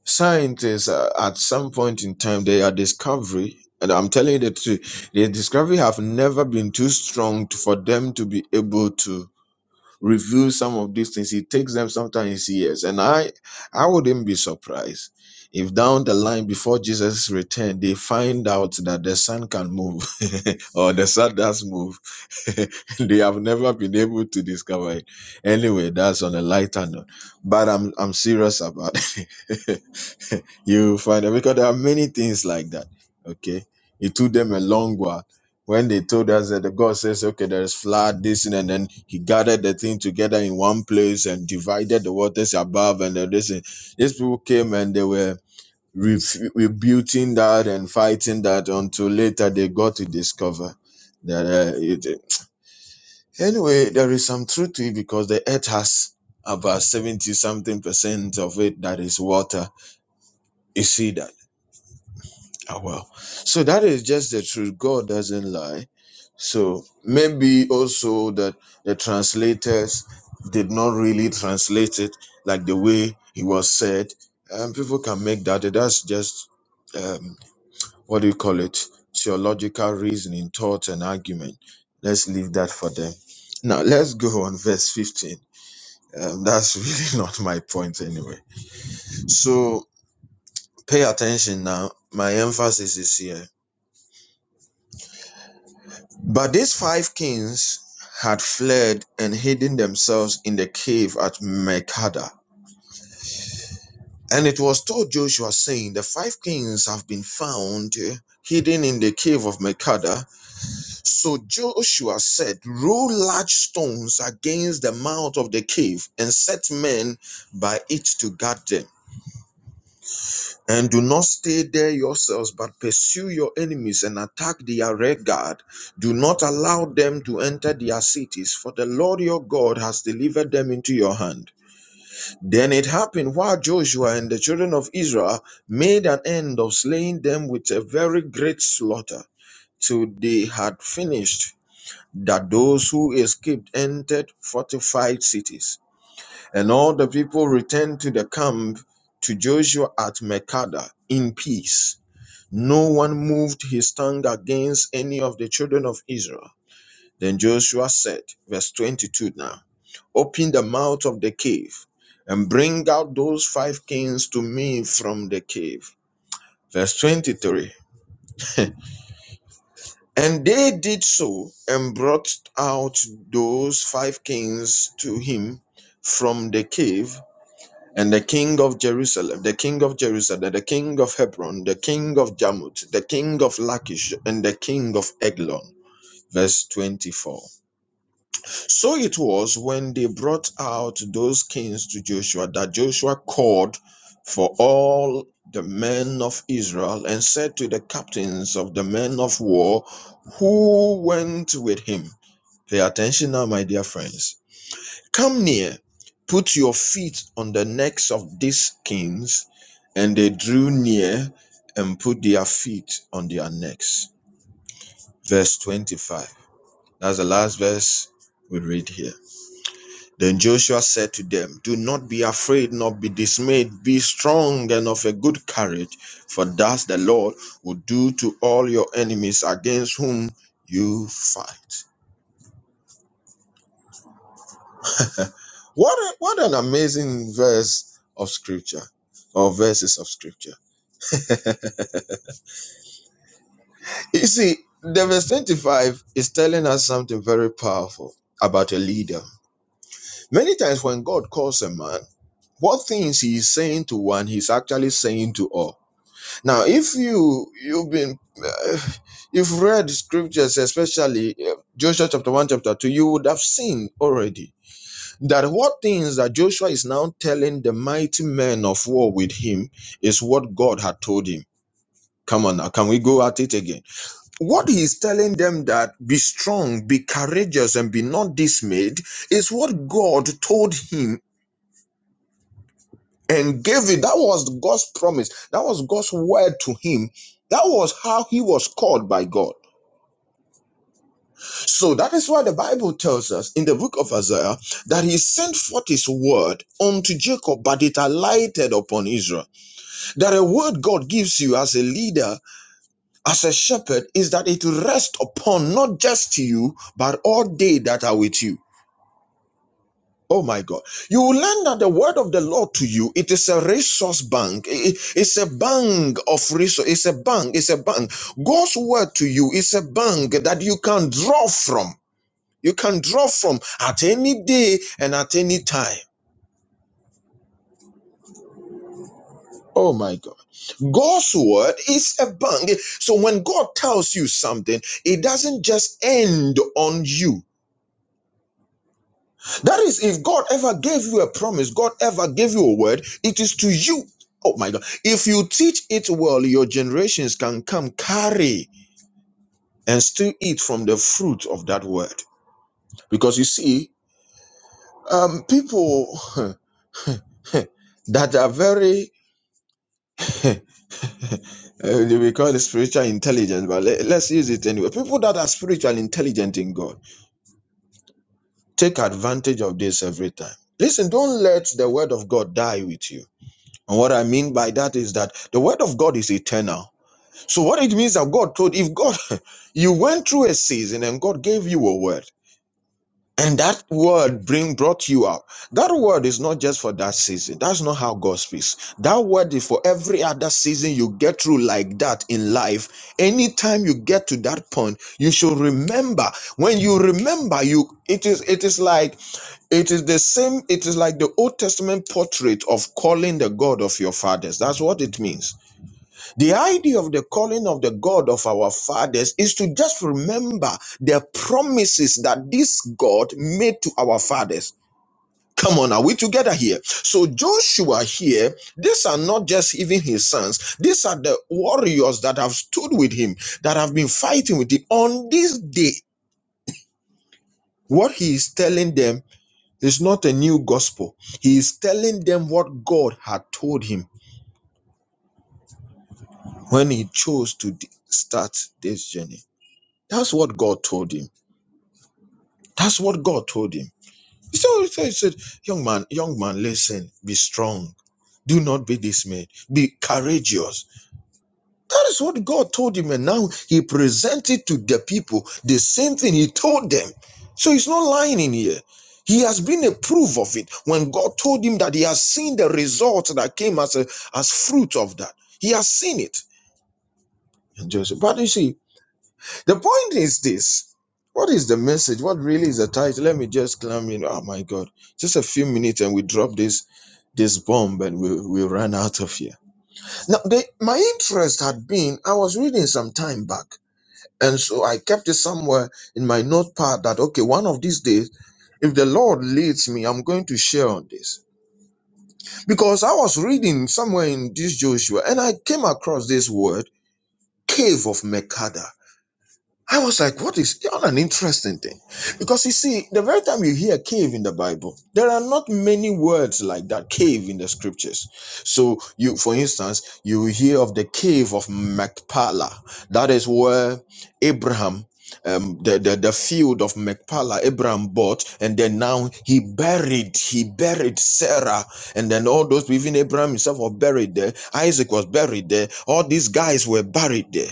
S4: scientists, uh, at some point in time, they are discovery, and I'm telling you the truth, the discovery have never been too strong to, for them to be able to review some of these things. It takes them sometimes years, and I, I wouldn't be surprised if down the line before Jesus' return, they find out that the sun can move or the sun does move. they have never been able to discover it. Anyway, that's on a lighter note but I'm I'm serious about it. you find out because there are many things like that. Okay. It took them a long while. When they told us that the God says, okay, there's flood, this, and then he gathered the thing together in one place and divided the waters above and then this. and- These people came and they were ref- rebuting that and fighting that until later they got to discover that. Uh, it, uh, anyway, there is some truth to it because the earth has about 70 something percent of it that is water. You see that? Oh, well. So that is just the truth. God doesn't lie. So maybe also that the translators did not really translate it like the way it was said. And people can make that. That's just, um, what do you call it? Theological reasoning, thought, and argument. Let's leave that for them. Now, let's go on verse 15. Um, that's really not my point anyway. So pay attention now. My emphasis is here. But these five kings had fled and hidden themselves in the cave at Makeda. And it was told Joshua, saying, The five kings have been found hidden in the cave of Makeda. So Joshua said, Roll large stones against the mouth of the cave and set men by it to guard them. And do not stay there yourselves, but pursue your enemies and attack their rearguard. Do not allow them to enter their cities, for the Lord your God has delivered them into your hand. Then it happened while Joshua and the children of Israel made an end of slaying them with a very great slaughter, till they had finished, that those who escaped entered fortified cities. And all the people returned to the camp to Joshua at Makeda in peace. No one moved his tongue against any of the children of Israel. Then Joshua said, verse 22 now, Open the mouth of the cave and bring out those five kings to me from the cave. Verse 23. And they did so and brought out those five kings to him from the cave and the king of Jerusalem, the king of Jerusalem, the king of Hebron, the king of Jarmuth, the king of Lachish, and the king of Eglon. Verse 24. So it was when they brought out those kings to Joshua that Joshua called for all the men of Israel and said to the captains of the men of war who went with him. Pay attention now, my dear friends. Come near, put your feet on the necks of these kings. And they drew near and put their feet on their necks. Verse 25. That's the last verse we read here. Then Joshua said to them, Do not be afraid, nor be dismayed. Be strong and of a good courage, for thus the Lord will do to all your enemies against whom you fight. What a, what an amazing verse of scripture or verses of scripture. You see, the verse 25 is telling us something very powerful about a leader. Many times when God calls a man, what things he is saying to one, he's actually saying to all. Now, if you you've been uh, you've read scriptures, especially uh, Joshua chapter one, chapter two, you would have seen already that what things that Joshua is now telling the mighty men of war with him is what God had told him. Come on now, can we go at it again? What he is telling them that be strong, be courageous, and be not dismayed is what God told him and gave it. That was God's promise. That was God's word to him. That was how he was called by God. So that is why the Bible tells us in the book of Isaiah that he sent forth his word unto Jacob, but it alighted upon Israel. that a word God gives you as a leader, as a shepherd, is that it will rest upon not just you, but all they that are with you. Oh my God. You will learn that the word of the Lord to you, it is a resource bank. I- It's a bank of resource. It's a bank. It's a bank. God's word to you is a bank that you can draw from. You can draw from at any day and at any time. Oh my God. God's word is a bang. So when God tells you something, it doesn't just end on you. That is, if God ever gave you a promise, God ever gave you a word, it is to you. Oh my God. If you teach it well, your generations can come carry and still eat from the fruit of that word. Because you see, um, people that are very, uh, we call it spiritual intelligence, but let, let's use it anyway. People that are spiritual intelligent in God Take advantage of this every time. Listen, don't let the word of God die with you. And what I mean by that is that the word of God is eternal. So what it means that God told, if God, you went through a season and God gave you a word, and that word bring brought you up. That word is not just for that season. That's not how God speaks. That word is for every other season you get through like that in life. Anytime you get to that point, you should remember. When you remember, you it is it is like it is the same, it is like the Old Testament portrait of calling the God of your fathers. That's what it means. The idea of the calling of the God of our fathers is to just remember the promises that this God made to our fathers. Come on, are we together here? So, Joshua here, these are not just even his sons, these are the warriors that have stood with him, that have been fighting with him on this day. What he is telling them It's not a new gospel. He is telling them what God had told him when he chose to d- start this journey. That's what God told him. That's what God told him. So he said, he said, Young man, young man, listen, be strong. Do not be dismayed. Be courageous That is what God told him, and now he presented to the people the same thing he told them. So he's not lying in here. He has been a proof of it when God told him that he has seen the results that came as a as fruit of that. He has seen it. And Joseph, but you see, the point is this. What is the message? What really is the title? Let me just climb in. Oh my God. Just a few minutes and we drop this this bomb and we, we run out of here. Now, the, my interest had been, I was reading some time back. And so I kept it somewhere in my notepad that, okay, one of these days, if the Lord leads me, I'm going to share on this. Because I was reading somewhere in this Joshua and I came across this word, cave of Mekada. I was like, what is what an interesting thing? Because you see, the very time you hear cave in the Bible, there are not many words like that, cave in the scriptures. So you, for instance, you hear of the cave of Machpelah. That is where Abraham um, the, the, the field of Machpelah, Abraham bought, and then now he buried, he buried Sarah, and then all those, even Abraham himself was buried there, Isaac was buried there, all these guys were buried there.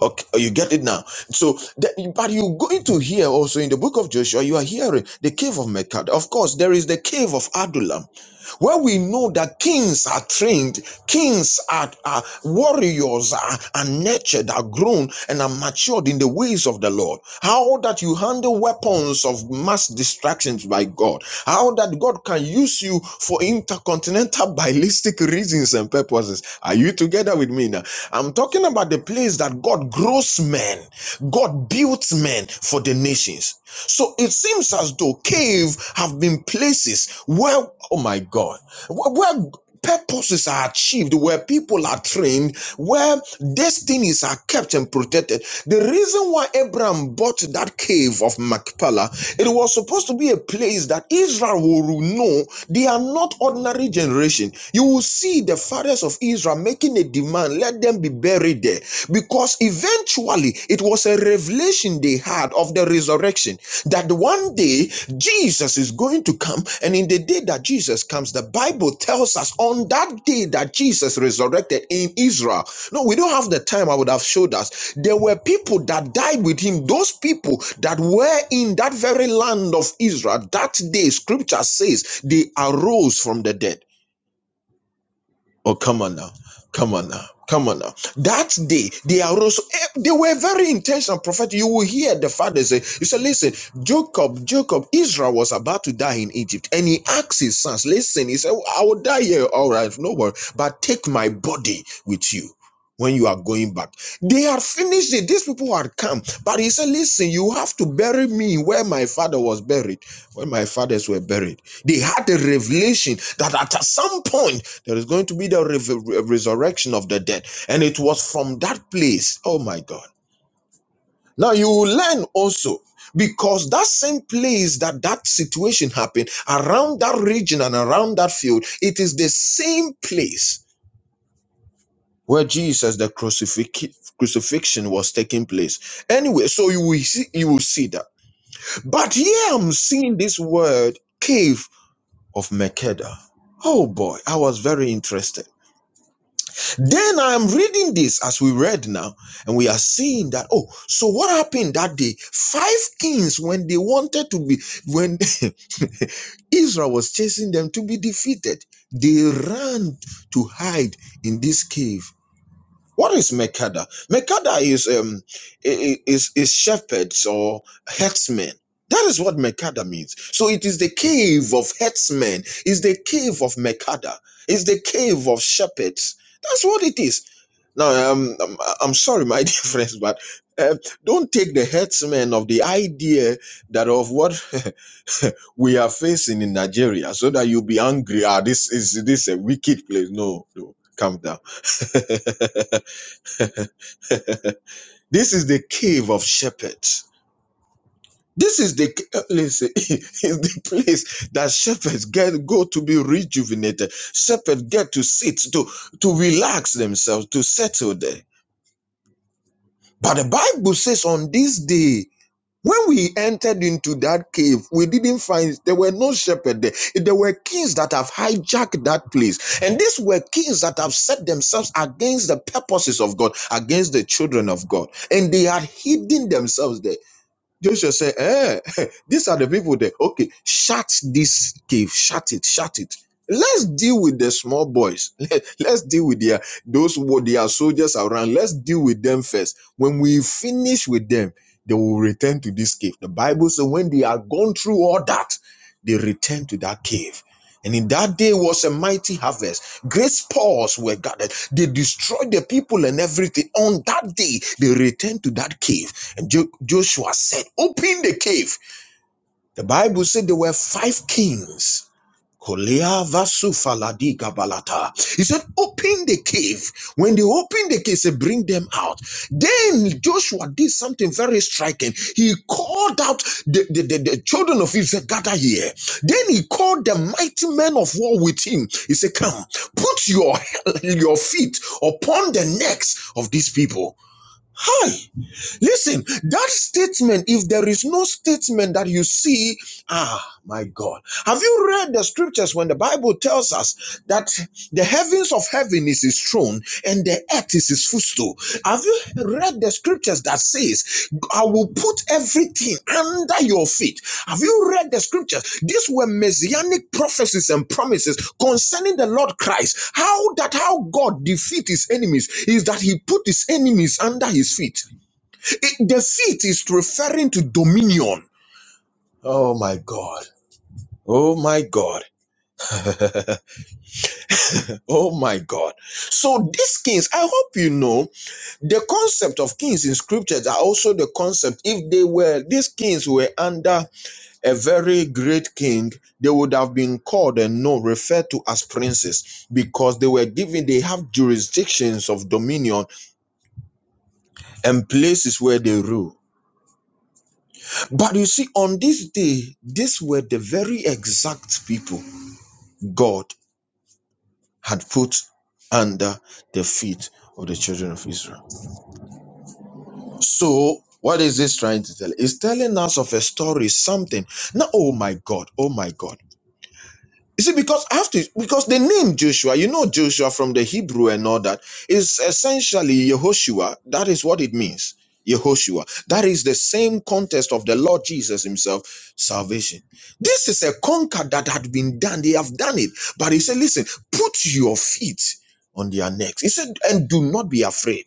S4: Okay, oh, you get it now. So, the, but you're going to hear also in the book of Joshua, you are hearing the cave of Mecca. Of course, there is the cave of Adullam where we know that kings are trained, kings are, are warriors are, are nurtured, are grown, and are matured in the ways of the Lord. How that you handle weapons of mass distractions by God. How that God can use you for intercontinental ballistic reasons and purposes. Are you together with me now? I'm talking about the place that God grows men, God builds men for the nations. So it seems as though cave have been places where, oh my God, where, where purposes are achieved, where people are trained, where destinies are kept and protected. The reason why Abraham bought that cave of Machpelah, it was supposed to be a place that Israel will know they are not ordinary generation. You will see the fathers of Israel making a demand, let them be buried there there because eventually it was a revelation they had of the resurrection that one day Jesus is going to come. And in the day that Jesus comes, the Bible tells us on that day that Jesus resurrected in Israel. No, we don't have the time I would have showed us. There were people that died with him. Those people that were in that very land of Israel, that day, scripture says, they arose from the dead. Oh, come on now. Come on now. Come on now. That day, they arose. eh, They were very intentional, prophet. You will hear the father say, You say, listen, Jacob, Jacob, Israel was about to die in Egypt. And he asked his sons, Listen, he said, I will die here. All right, no worry. But take my body with you when you are going back. They had finished it. These people had come. But he said, Listen, you have to bury me where my father was buried, where my fathers were buried. They had a revelation that at some point, there is going to be the re- resurrection of the dead. And it was from that place. Oh my God. Now you will learn also because that same place that that situation happened around that region and around that field, it is the same place where Jesus the crucifix, crucifixion was taking place. Anyway, so you will see you will see that. But here I'm seeing this word cave of Makeda. Oh boy, I was very interested Then I'm reading this as we read now, and we are seeing that. Oh, so what happened that day? Five kings, when they wanted to be, when Israel was chasing them to be defeated, they ran to hide in this cave. What is Mekada? Mekada is um i- i- is is shepherds or herdsmen. That is what Mekada means. So it is the cave of herdsmen. It's the cave of Mekada. It's the cave of shepherds. That's what it is. No, um, I'm, I'm sorry, my dear friends, but uh, don't take the headsman of the idea that of what we are facing in Nigeria, so that you'll be angry. Ah, this is this a wicked place? No, no, calm down. this is the cave of shepherds. This is the ca- uh, listen, is the place that shepherds get go to be rejuvenated. Shepherds get to sit to to relax themselves to settle there. But the Bible says on this day. When we entered into that cave, we didn't find there were no shepherd there. There were kings that have hijacked that place. And these were kings that have set themselves against the purposes of God, against the children of God. And they had hidden themselves there. Joshua said, eh, these are the people there. Okay, shut this cave, shut it, shut it. Let's deal with the small boys. Let, us deal with their those what their soldiers around. Let's deal with them first. When we finish with them, they will return to this cave. The Bible says when they are gone through all that, they return to that cave. And in that day was a mighty harvest. Great spoils were gathered. They destroyed the people and everything. On that day, they returned to that cave and Jo- Joshua said, Open the cave. The Bible said there were five kings. Kolea vasufa ladiga balata. He said, Open the cave. When they opened the cave, he said, Bring them out. Then Joshua did something very striking. He called out the, the, the, the children of Israel, Gather here. Then he called the mighty men of war with him. He said, Come, put your, your feet upon the necks of these people. Hi. Listen, that statement, if there is no statement that you see, ah, my God. Have you read the scriptures when the Bible tells us that the heavens of heaven is his throne and the earth is his footstool? Have you read the scriptures that says, I will put everything under your feet? Have you read the scriptures? These were messianic prophecies and promises concerning the Lord Christ. How that how God defeat his enemies is that he put his enemies under his feet. It- the seat is referring to dominion. Oh my God. Oh my God. Oh my God. So these kings, I hope you know, the concept of kings in scriptures are also the concept. If they were, these kings were under a very great king, they would have been called and known, referred to as princes because they were given, they have jurisdictions of dominion and places where they rule. But you see, on this day, these were the very exact people God had put under the feet of the children of Israel. So, what is this trying to tell? It's telling us of a story, something. Now, oh my God, oh my God. You see, because I have to, because the name Joshua, you know Joshua from the Hebrew and all that, is essentially Yehoshua. That is what it means. Yehoshua. That is the same context of the Lord Jesus Himself, salvation. This is a conquer that had been done. They have done it. But He said, listen, put your feet on their necks. He said, and do not be afraid.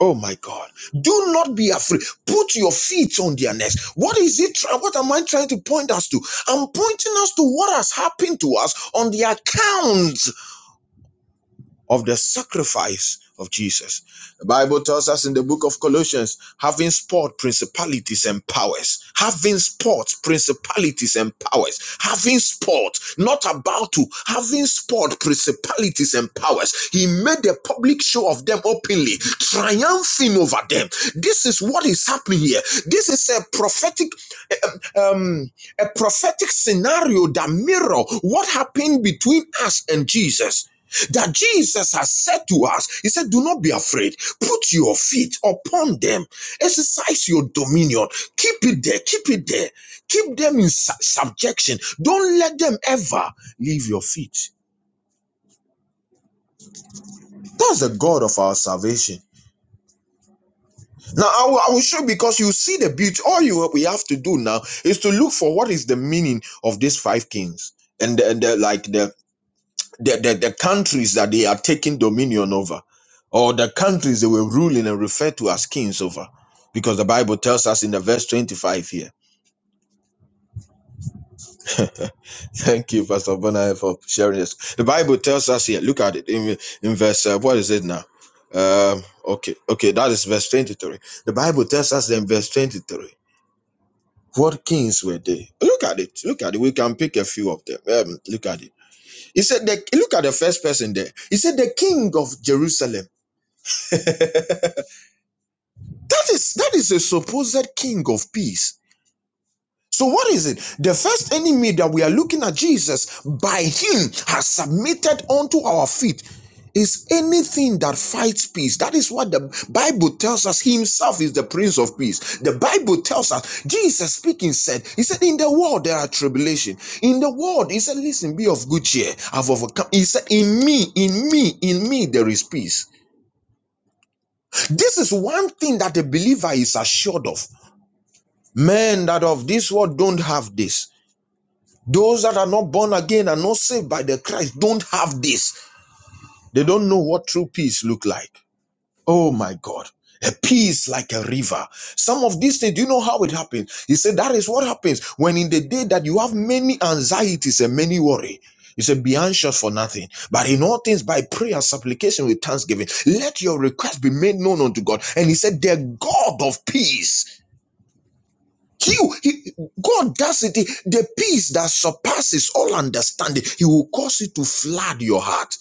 S4: Oh my God. Do not be afraid. Put your feet on their necks. What is it? What am I trying to point us to? I'm pointing us to what has happened to us on the account of the sacrifice of Jesus. The Bible tells us in the book of Colossians, having spot principalities and powers, having spot principalities and powers, having spot, not about to, having spot principalities and powers. He made a public show of them openly, triumphing over them. This is what is happening here. This is a prophetic um, a prophetic scenario that mirror what happened between us and Jesus. That Jesus has said to us, He said, Do not be afraid. Put your feet upon them. Exercise your dominion. Keep it there. Keep it there. Keep them in su- subjection. Don't let them ever leave your feet. That's the God of our salvation. Now, I will, I will show you because you see the beauty. All you we have to do now is to look for what is the meaning of these five kings and the, and the- like the the, the, the countries that they are taking dominion over, or the countries they were ruling and referred to as kings over, because the Bible tells us in the verse 25 here. Thank you, Pastor Bonai, for sharing this. The Bible tells us here, look at it in, in verse, uh, what is it now? Um, okay, okay, that is verse 23. The Bible tells us in verse 23. What kings were they? Look at it. Look at it. We can pick a few of them. Um, look at it. He said, the, look at the first person there. He said, the king of Jerusalem. That is that is a supposed king of peace. So what is it? The first enemy that we are looking at Jesus by him has submitted unto our feet is anything that fights peace. That is what the Bible tells us He himself is the prince of peace. The Bible tells us Jesus speaking said, he said in the world there are tribulation. In the world he said listen be of good cheer. I've overcome. He said in me in me in me there is peace. This is one thing that the believer is assured of. Men that of this world don't have this. Those that are not born again and not saved by the Christ don't have this. They don't know what true peace look like. Oh my God. A peace like a river. Some of these things, do you know how it happens? He said that is what happens when in the day that you have many anxieties and many worry. He said, Be anxious for nothing, but in all things by prayer, supplication with thanksgiving, let your request be made known unto God. And he said, The God of peace You, he, God does it. The peace that surpasses all understanding, He will cause it to flood your heart.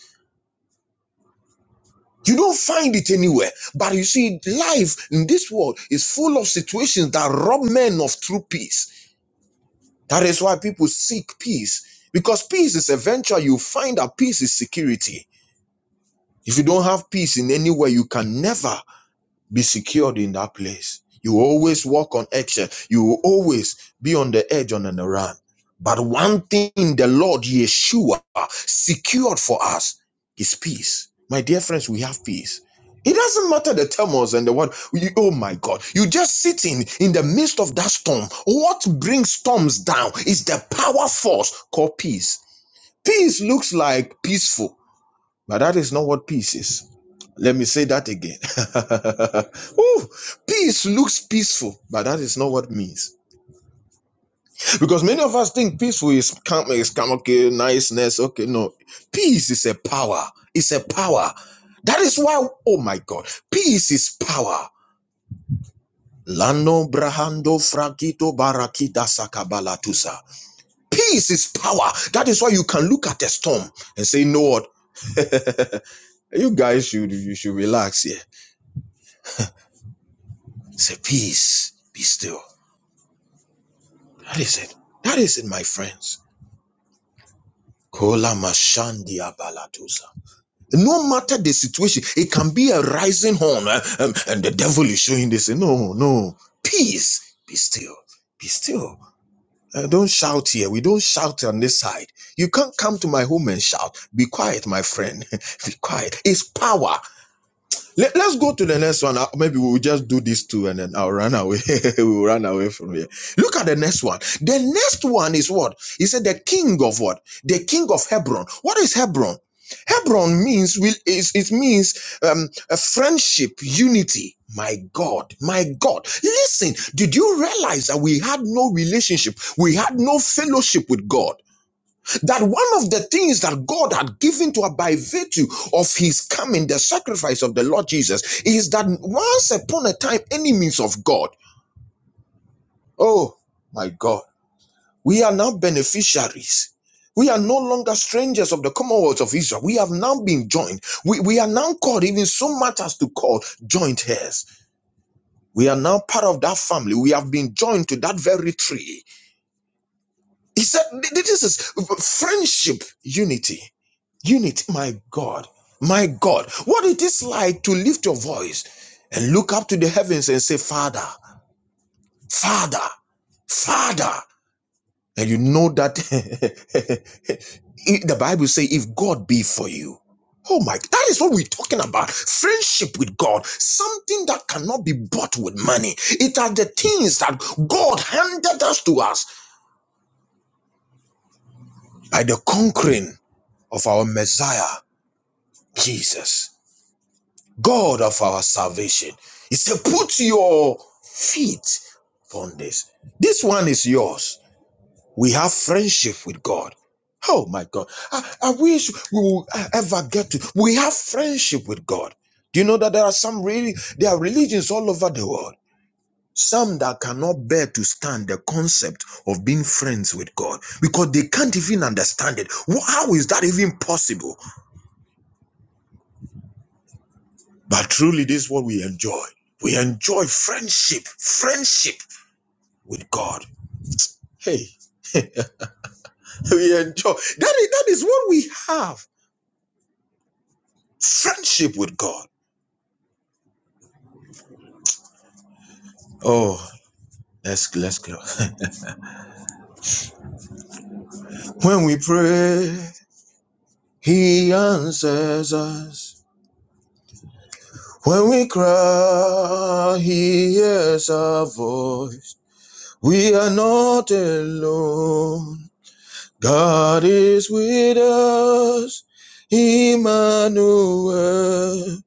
S4: You don't find it anywhere. But you see, life in this world is full of situations that rob men of true peace. That is why people seek peace. Because peace is eventual, you find that peace is security. If you don't have peace in anywhere, you can never be secured in that place. You always walk on action. You will always be on the edge on an run. But one thing the Lord Yeshua secured for us is peace. My dear friends, we have peace. It doesn't matter the turmoils and the what. You, oh my God! You just sitting in the midst of that storm. What brings storms down is the power force called peace. Peace looks like peaceful. But that is not what peace is. Let me say that again. Ooh, peace looks peaceful, but that is not what it means. Because many of us think peaceful is calm, is calm, okay, niceness, okay. No, peace is a power. It's a power. That is why, oh my God, peace is power. Lano brahando fragito barakida sakabalatusa. Peace is power. That is why you can look at a storm and say, you know what? You guys should you should relax here. He said, Peace, be still. That is it. That is it, my friends. Kola mashandia balatusa. No matter the situation, it can be a rising horn, eh, um, and the devil is showing this. No, no. Peace, be still. Be still. Uh, don't shout here. We don't shout on this side. You can't come to my home and shout. Be quiet, my friend. be quiet. It's power. Let, let's go to the next one. Uh, Maybe we'll just do these two and then I'll run away. we'll run away from here. Look at the next one. The next one is what? He said the king of what? The king of Hebron. What is Hebron? Hebron means will is it means um, a friendship, unity. My God, my God. Listen, did you realize that we had no relationship? We had no fellowship with God that one of the things that God had given to her by virtue of his coming, the sacrifice of the Lord Jesus, is that once upon a time, enemies of God. Oh my God, we are now beneficiaries. We are no longer strangers of the Commonwealth of Israel. We have now been joined. We, we are now called, even so much as to call joint heirs. We are now part of that family. We have been joined to that very tree. He said, This is friendship unity. Unit, my God, my God. What it is like to lift your voice and look up to the heavens and say, Father, Father, Father. And you know that the Bible says, if God be for you, oh my, that is what we're talking about. Friendship with God, something that cannot be bought with money. It are the things that God handed us to us by the conquering of our Messiah, Jesus. God of our salvation. He said, Put your feet upon this. This one is yours. We have friendship with God. Oh my God. I, I wish we would uh, ever get to. We have friendship with God. Do you know that there are some really, there are religions all over the world. Some that cannot bear to stand the concept of being friends with God because they can't even understand it. How is that even possible? But truly, this is what we enjoy. We enjoy friendship, friendship with God. Hey, we enjoy that. Is, that is what we have. Friendship with God. Oh, let's let's go. When we pray, He answers us. When we cry, He hears our voice. We are not alone. God is with us. Emmanuel.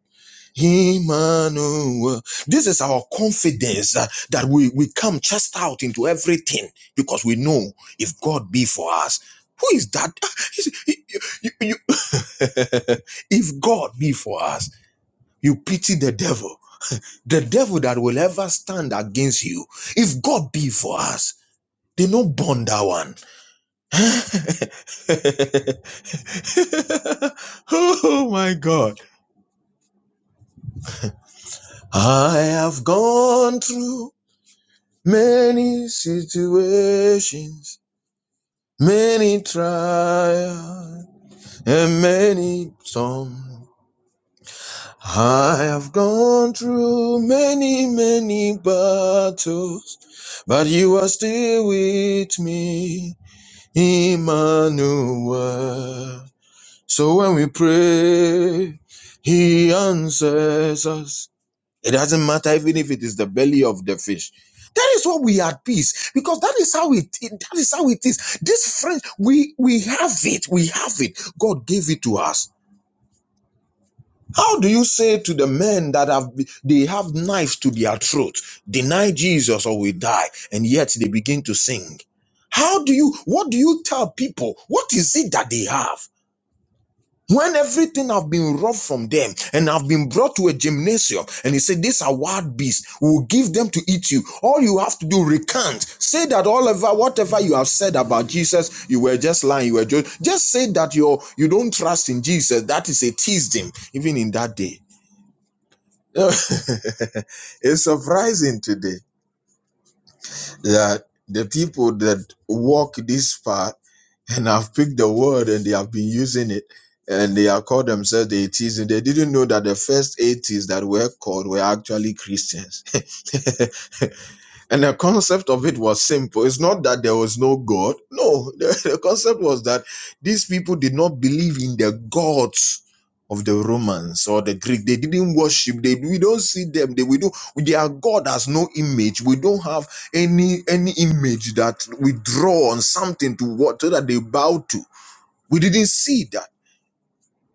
S4: Emmanuel. This is our confidence uh, that we, we come just out into everything because we know if God be for us, who is that? You- see, you- you- you- if God be for us, you pity the devil, the devil that will ever stand against you. If God be for us, they no bond that one. oh my God. I have gone through Many situations, many trials, and many storms. I have gone through many, many battles, but you are still with me, Emmanuel. So when we pray, he answers us. It doesn't matter even if it is the belly of the fish. That is what we are at peace because that is how it, it- that is how it is. This friend, we we have it, we have it. God gave it to us. How do you say to the men that have be- they have knives to their throat, deny Jesus or we die, and yet they begin to sing? How do you what do you tell people? What is it that they have? when everything have been robbed from them and have been brought to a gymnasium and he said these are wild beasts we will give them to eat you all you have to do recant say that all over whatever you have said about jesus you were just lying you were just just say that you you don't trust in jesus that is a teasing even in that day it's surprising today that the people that walk this path and I've picked the word and they have been using it and they are called themselves the atheists and they didn't know that the first atheists that were called were actually Christians. and the concept of it was simple. It's not that there was no God. No, the, the concept was that these people did not believe in the gods of the Romans or the Greek. They didn't worship. They we don't see them. They we don't their God has no image. We don't have any any image that we draw on something to what so that they bow to we didn't see that.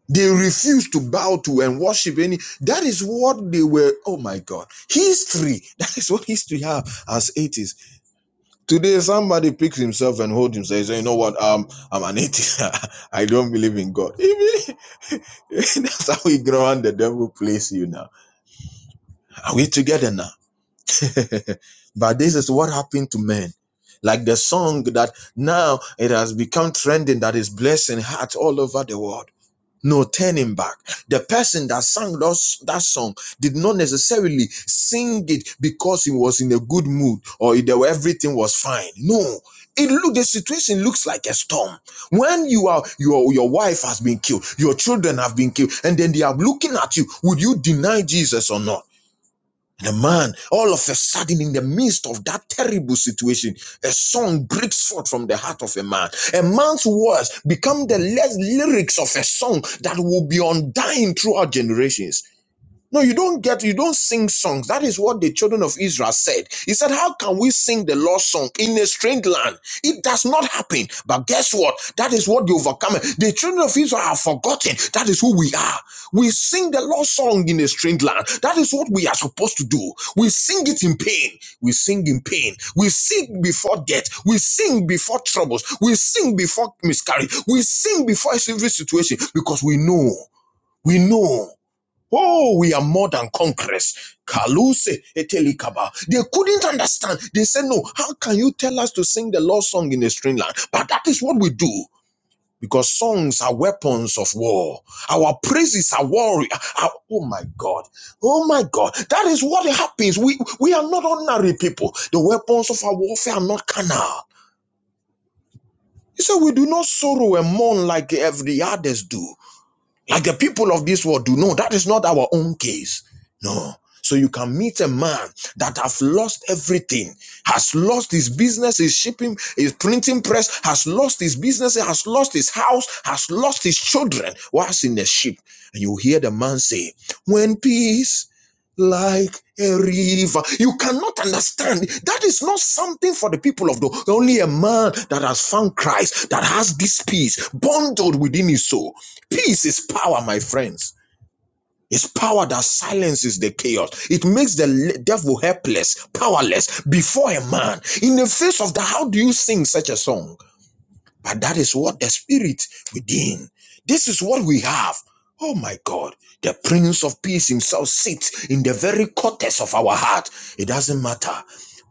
S4: They refused to bow to and worship any. That is what they were. Oh my God. History. That is what history have as atheists. Today, somebody picks himself and holds himself. He say, you know what? Um, I'm an atheist. I don't believe in God. That's how we grow and the devil plays you now. Are we together now? but this is what happened to men. Like the song that now it has become trending that is blessing hearts all over the world. no turning back the person that sang those, that song did not necessarily sing it because he was in a good mood or there were- everything was fine no it look the situation looks like a storm when you are your your wife has been killed your children have been killed and then they are looking at you would you deny jesus or not the man, all of a sudden, in the midst of that terrible situation, a song breaks forth from the heart of a man. A man's words become the less lyrics of a song that will be undying throughout generations. No, you don't get, you don't sing songs. That is what the children of Israel said. He said, How can we sing the Lord's song in a strange land? It does not happen. But guess what? That is what the overcomer, the children of Israel have forgotten. That is who we are. We sing the Lord's song in a strange land. That is what we are supposed to do. We sing it in pain. We sing in pain. We sing before death. We sing before troubles. We sing before miscarriage. We sing before every situation because we know. We know. Oh, we are more than conquerors. Kaluse etelikaba. They couldn't understand. They said, No, how can you tell us to sing the Lord's song in a strange land? But that is what we do. Because songs are weapons of war. Our praises are warrior. Our- oh my God. Oh my God. That is what happens. We we are not ordinary people. The weapons of our warfare are not carnal. He said, We do not sorrow and mourn like every others do. Like the people of this world do. No, that is not our own case. No. So you can meet a man that has lost everything, has lost his business, his shipping, his printing press, has lost his business, has lost his house, has lost his children, whilst in the ship. And you hear the man say, When peace like a river. You cannot understand. That is not something for the people of the only a man that has found Christ that has this peace bundled within his soul. Peace is power, my friends. It's power that silences the chaos. It makes the devil helpless, powerless before a man. In the face of that, how do you sing such a song? But that is what the spirit within. This is what we have. Oh my God, the Prince of Peace himself sits in the very cortex of our heart. It doesn't matter.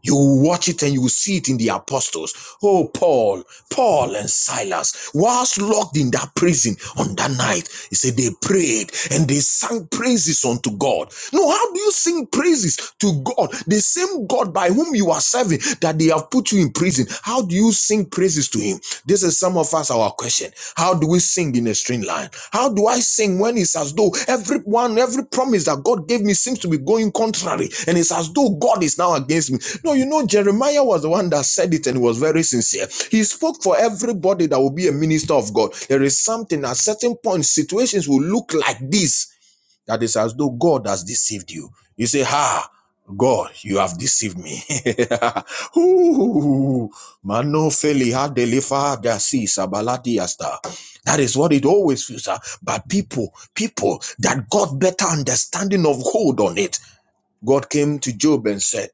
S4: You will watch it and you will see it in the apostles. Oh, Paul, Paul and Silas, whilst locked in that prison on that night, he said they prayed and they sang praises unto God. No, how do you sing praises to God? The same God by whom you are serving that they have put you in prison. How do you sing praises to him? This is some of us our question. How do we sing in a string line? How do I sing when it's as though everyone, every promise that God gave me seems to be going contrary and it's as though God is now against me? No, you know, Jeremiah was the one that said it and he was very sincere. He spoke for everybody that will be a minister of God. There is something at certain points, situations will look like this that is as though God has deceived you. You say, Ha, God, you have deceived me. Ooh, Mano feli ha delifa da si sabalati asta. That is what it always feels. ah. But people, people that got better understanding of hold on it God came to Job and said,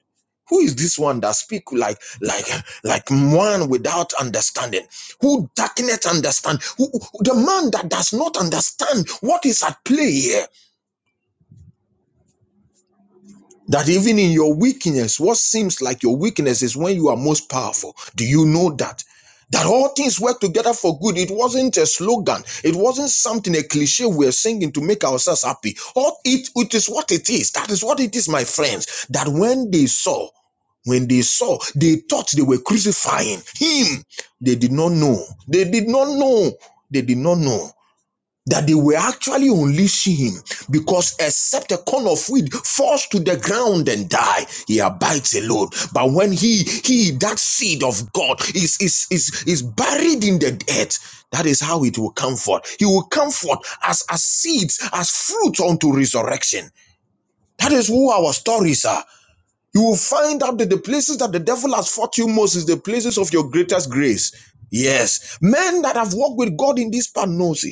S4: who is this one that speak like like like one without understanding? Who darkeneth understand? Who, who- the man that does not understand what is at play here? That even in your weakness, what seems like your weakness is when you are most powerful. Do you know that? That all things work together for good. It wasn't a slogan. It wasn't something a cliche we're singing to make ourselves happy. All it, it is what it is. That is what it is, my friends. That when they saw When they saw, they thought they were crucifying him. They did not know. They did not know. They did not know that they were actually unleashing him because except a corn of wheat falls to the ground and die he abides alone but when he he that seed of god is is is, is buried in the earth that is how it will come forth he will come forth as as seeds as fruit unto resurrection that is who our stories are you will find out that the places that the devil has fought you most is the places of your greatest grace. Yes. Men that have walked with God in this part knows it.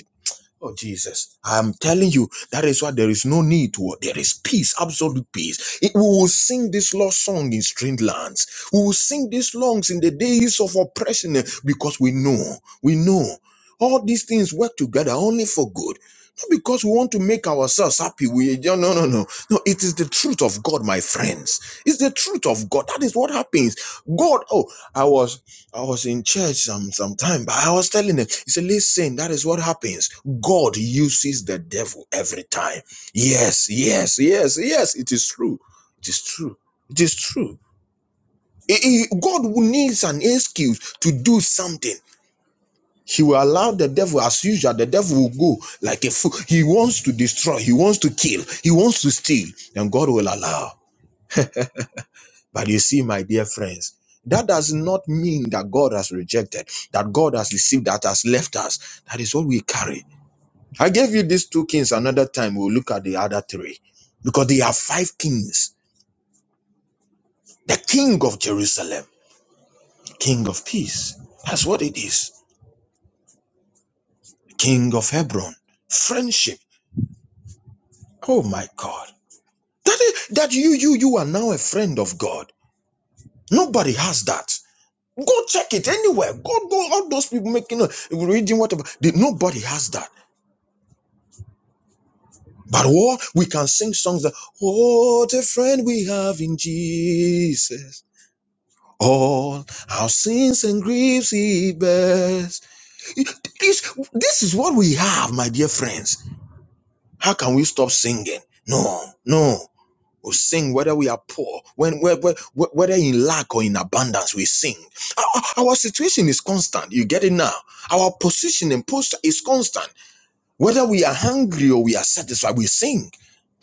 S4: Oh, Jesus. I'm telling you, that is why there is no need to worry. There is peace, absolute peace. It- we will sing this lost song in strange lands. We will sing these songs in the days of oppression eh, because we know, we know all these things work together only for good. Not because we want to make ourselves happy. We no, no, no, no. No, it is the truth of God, my friends. It's the truth of God. That is what happens. God, oh, I was. I was in church some some time, but I was telling them, he said, listen, that is what happens. God uses the devil every time. Yes, yes, yes, yes. It is true. It is true. It is true. He- he- God needs an excuse to do something. He will allow the devil, as usual, the devil will go like a fool. He wants to destroy, he wants to kill, he wants to steal, and God will allow. But you see, my dear friends, that does not mean that God has rejected, that God has deceived, that has left us. That is what we carry. I gave you these two kings another time. We'll look at the other three because they are five kings. The king of Jerusalem, king of peace. That's what it is. King of Hebron, friendship. Oh my God. That is that you you you are now a friend of God. Nobody has that. Go check it anywhere. Go go all those people making uh, reading whatever. They, nobody has that. But what we can sing songs that what a friend we have in Jesus. All our sins and griefs he bears. It- This, this is what we have, my dear friends. How can we stop singing? No, no. We sing whether we are poor, when, when, when- whether in lack or in abundance, we sing. Our, our our situation is constant. You get it now. Our position and posture is constant. Whether we are hungry or we are satisfied, we sing.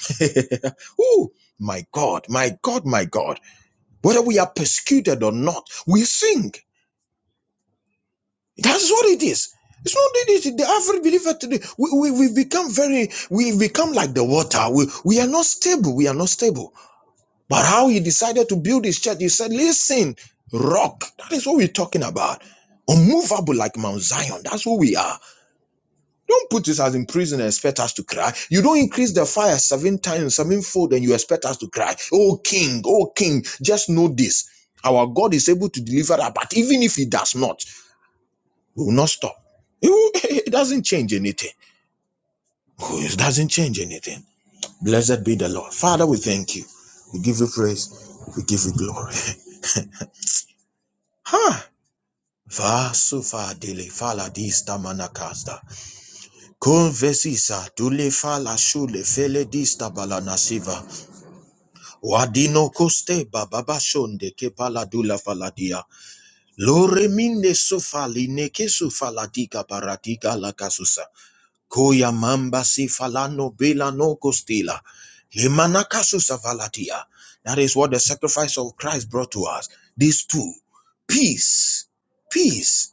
S4: Ooh, my God, my God, my God. Whether we are persecuted or not, we sing. That's what it is. It's not that it's the average believer today. We, we, we become very, we become like the water. We, we are not stable. We are not stable But how he decided to build his church, he said, Listen, rock, that is what we're talking about. Unmovable like Mount Zion, that's who we are. Don't put us as in prison and expect us to cry. You don't increase the fire seven times, sevenfold, and you expect us to cry. Oh, King, oh, King, just know this. Our God is able to deliver that, but even if He does not, we will not stop. It, doesn't change anything. Oh, It doesn't change anything. Blessed be the Lord. Father, we thank you. We give you praise. We give you glory. Huh?" Vasufa dele fala dista manakasta. Convesisa dule fala shule fele dista balanasiva. Wadino koste bababashonde ke pala dula faladia. Lore minde sufali neke sufala dika paradika la Koya mamba si falano bela no costila. Lemanakasu savalatia. That is what the sacrifice of Christ brought to us. These two, peace, peace,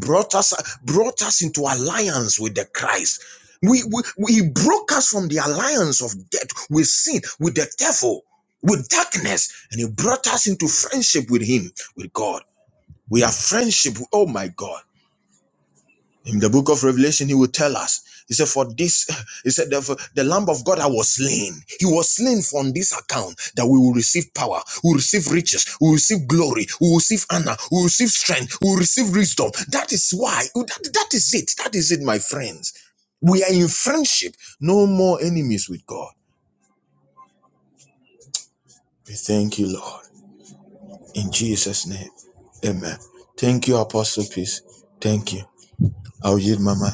S4: brought us brought us into alliance with the Christ. We, we, we he broke us from the alliance of death with sin, with the devil, with darkness, and he brought us into friendship with him, with God. We have friendship. Oh my God. In the book of Revelation, he will tell us, he said, For this, he said, therefore, the Lamb of God that was slain. He was slain from this account that we will receive power, we will receive riches, we will receive glory, we will receive honor, we will receive strength, we will receive wisdom. That is why, that, that is it. That is it, my friends. We are in friendship, no more enemies with God. We thank you, Lord. In Jesus' name, amen. Thank you, Apostle Peace. Thank you. I'll yield, my Mama.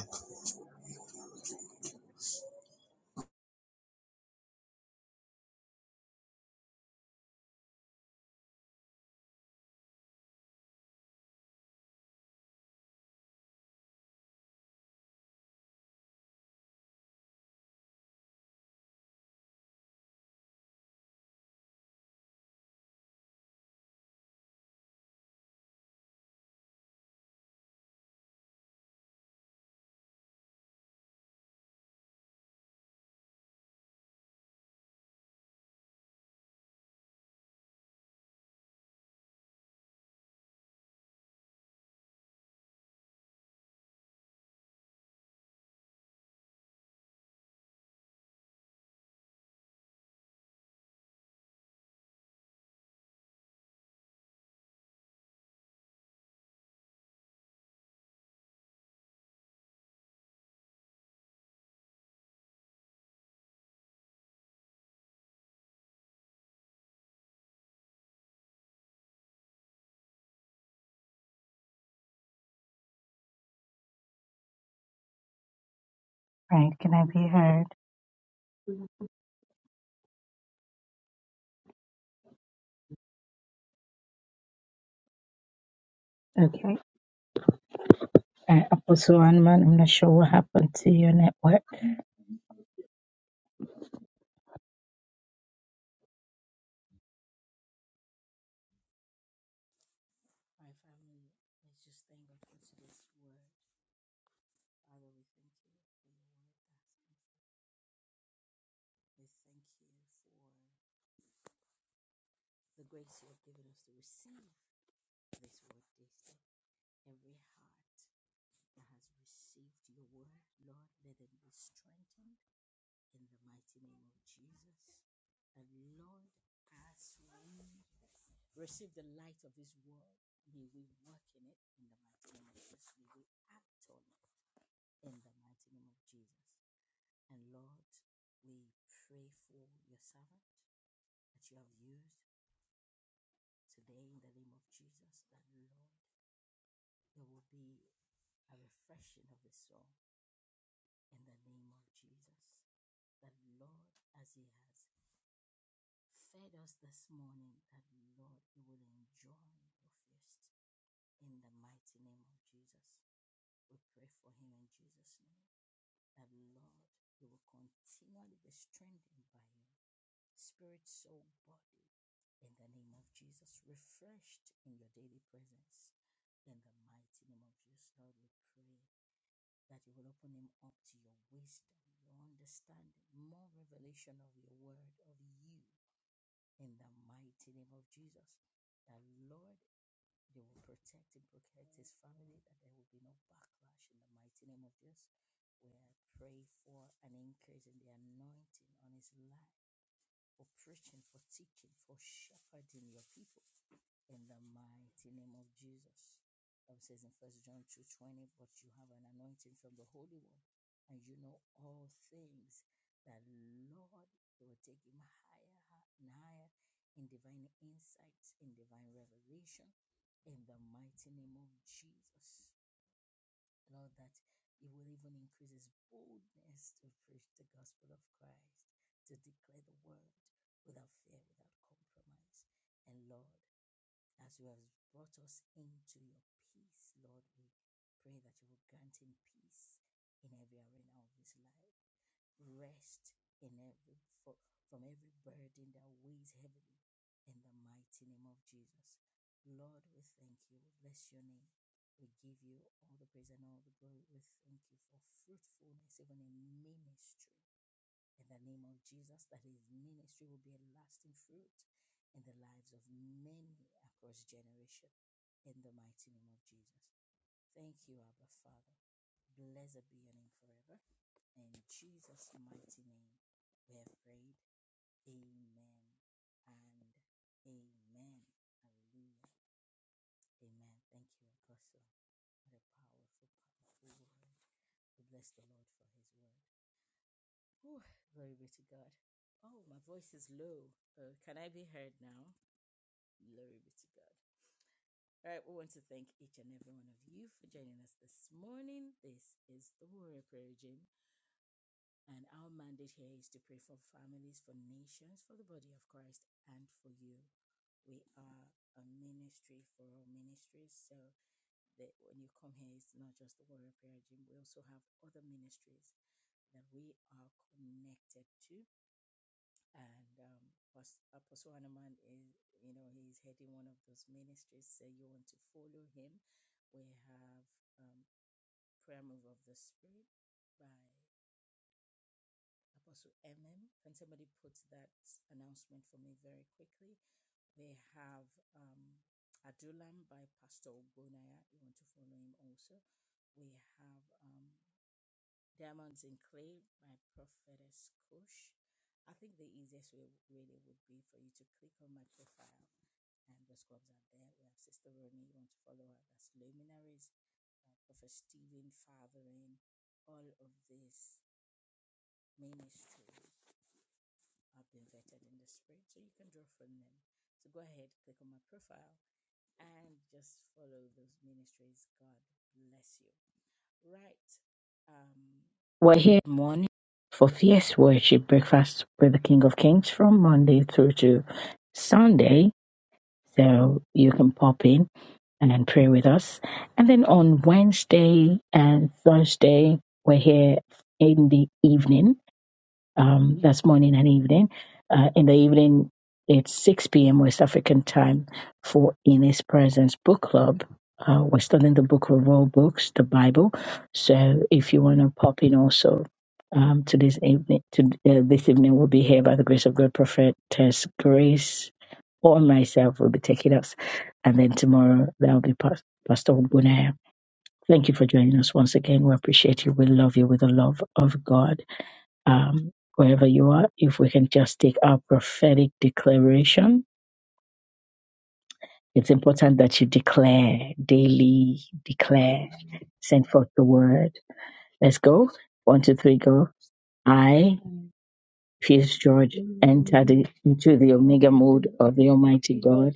S2: Declare, daily declare, send forth the word. Let's go. One, two, three, go. I, Pierce George, enter the, into the Omega mode of the Almighty God.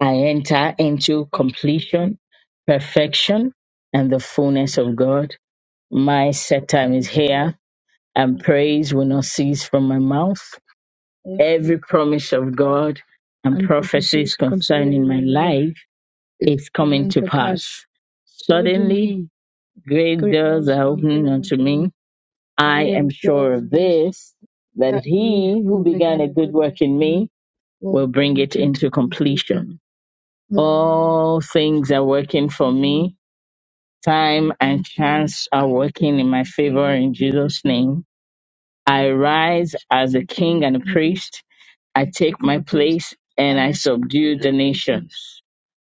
S2: I enter into completion, perfection, and the fullness of God. My set time is here, and praise will not cease from my mouth. Every promise of God and prophecies concerning my life is coming to pass. Suddenly, Great doors are opening unto me. I am sure sure of this, that he who began a good work in me will bring it into completion. All things are working for me. Time and chance are working in my favor in Jesus' name. I rise as a king and a priest. I take my place, and I subdue the nations.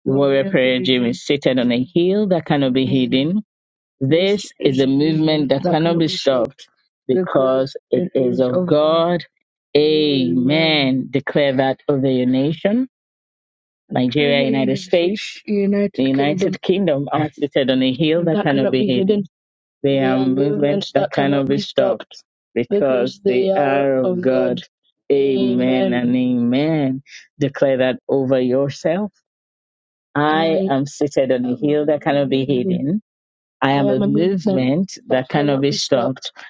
S2: Warrior Prayer Gym is seated on a hill that cannot be hidden. Declare that over your nation, Nigeria, States, Kingdom are seated on a hill They stopped they stopped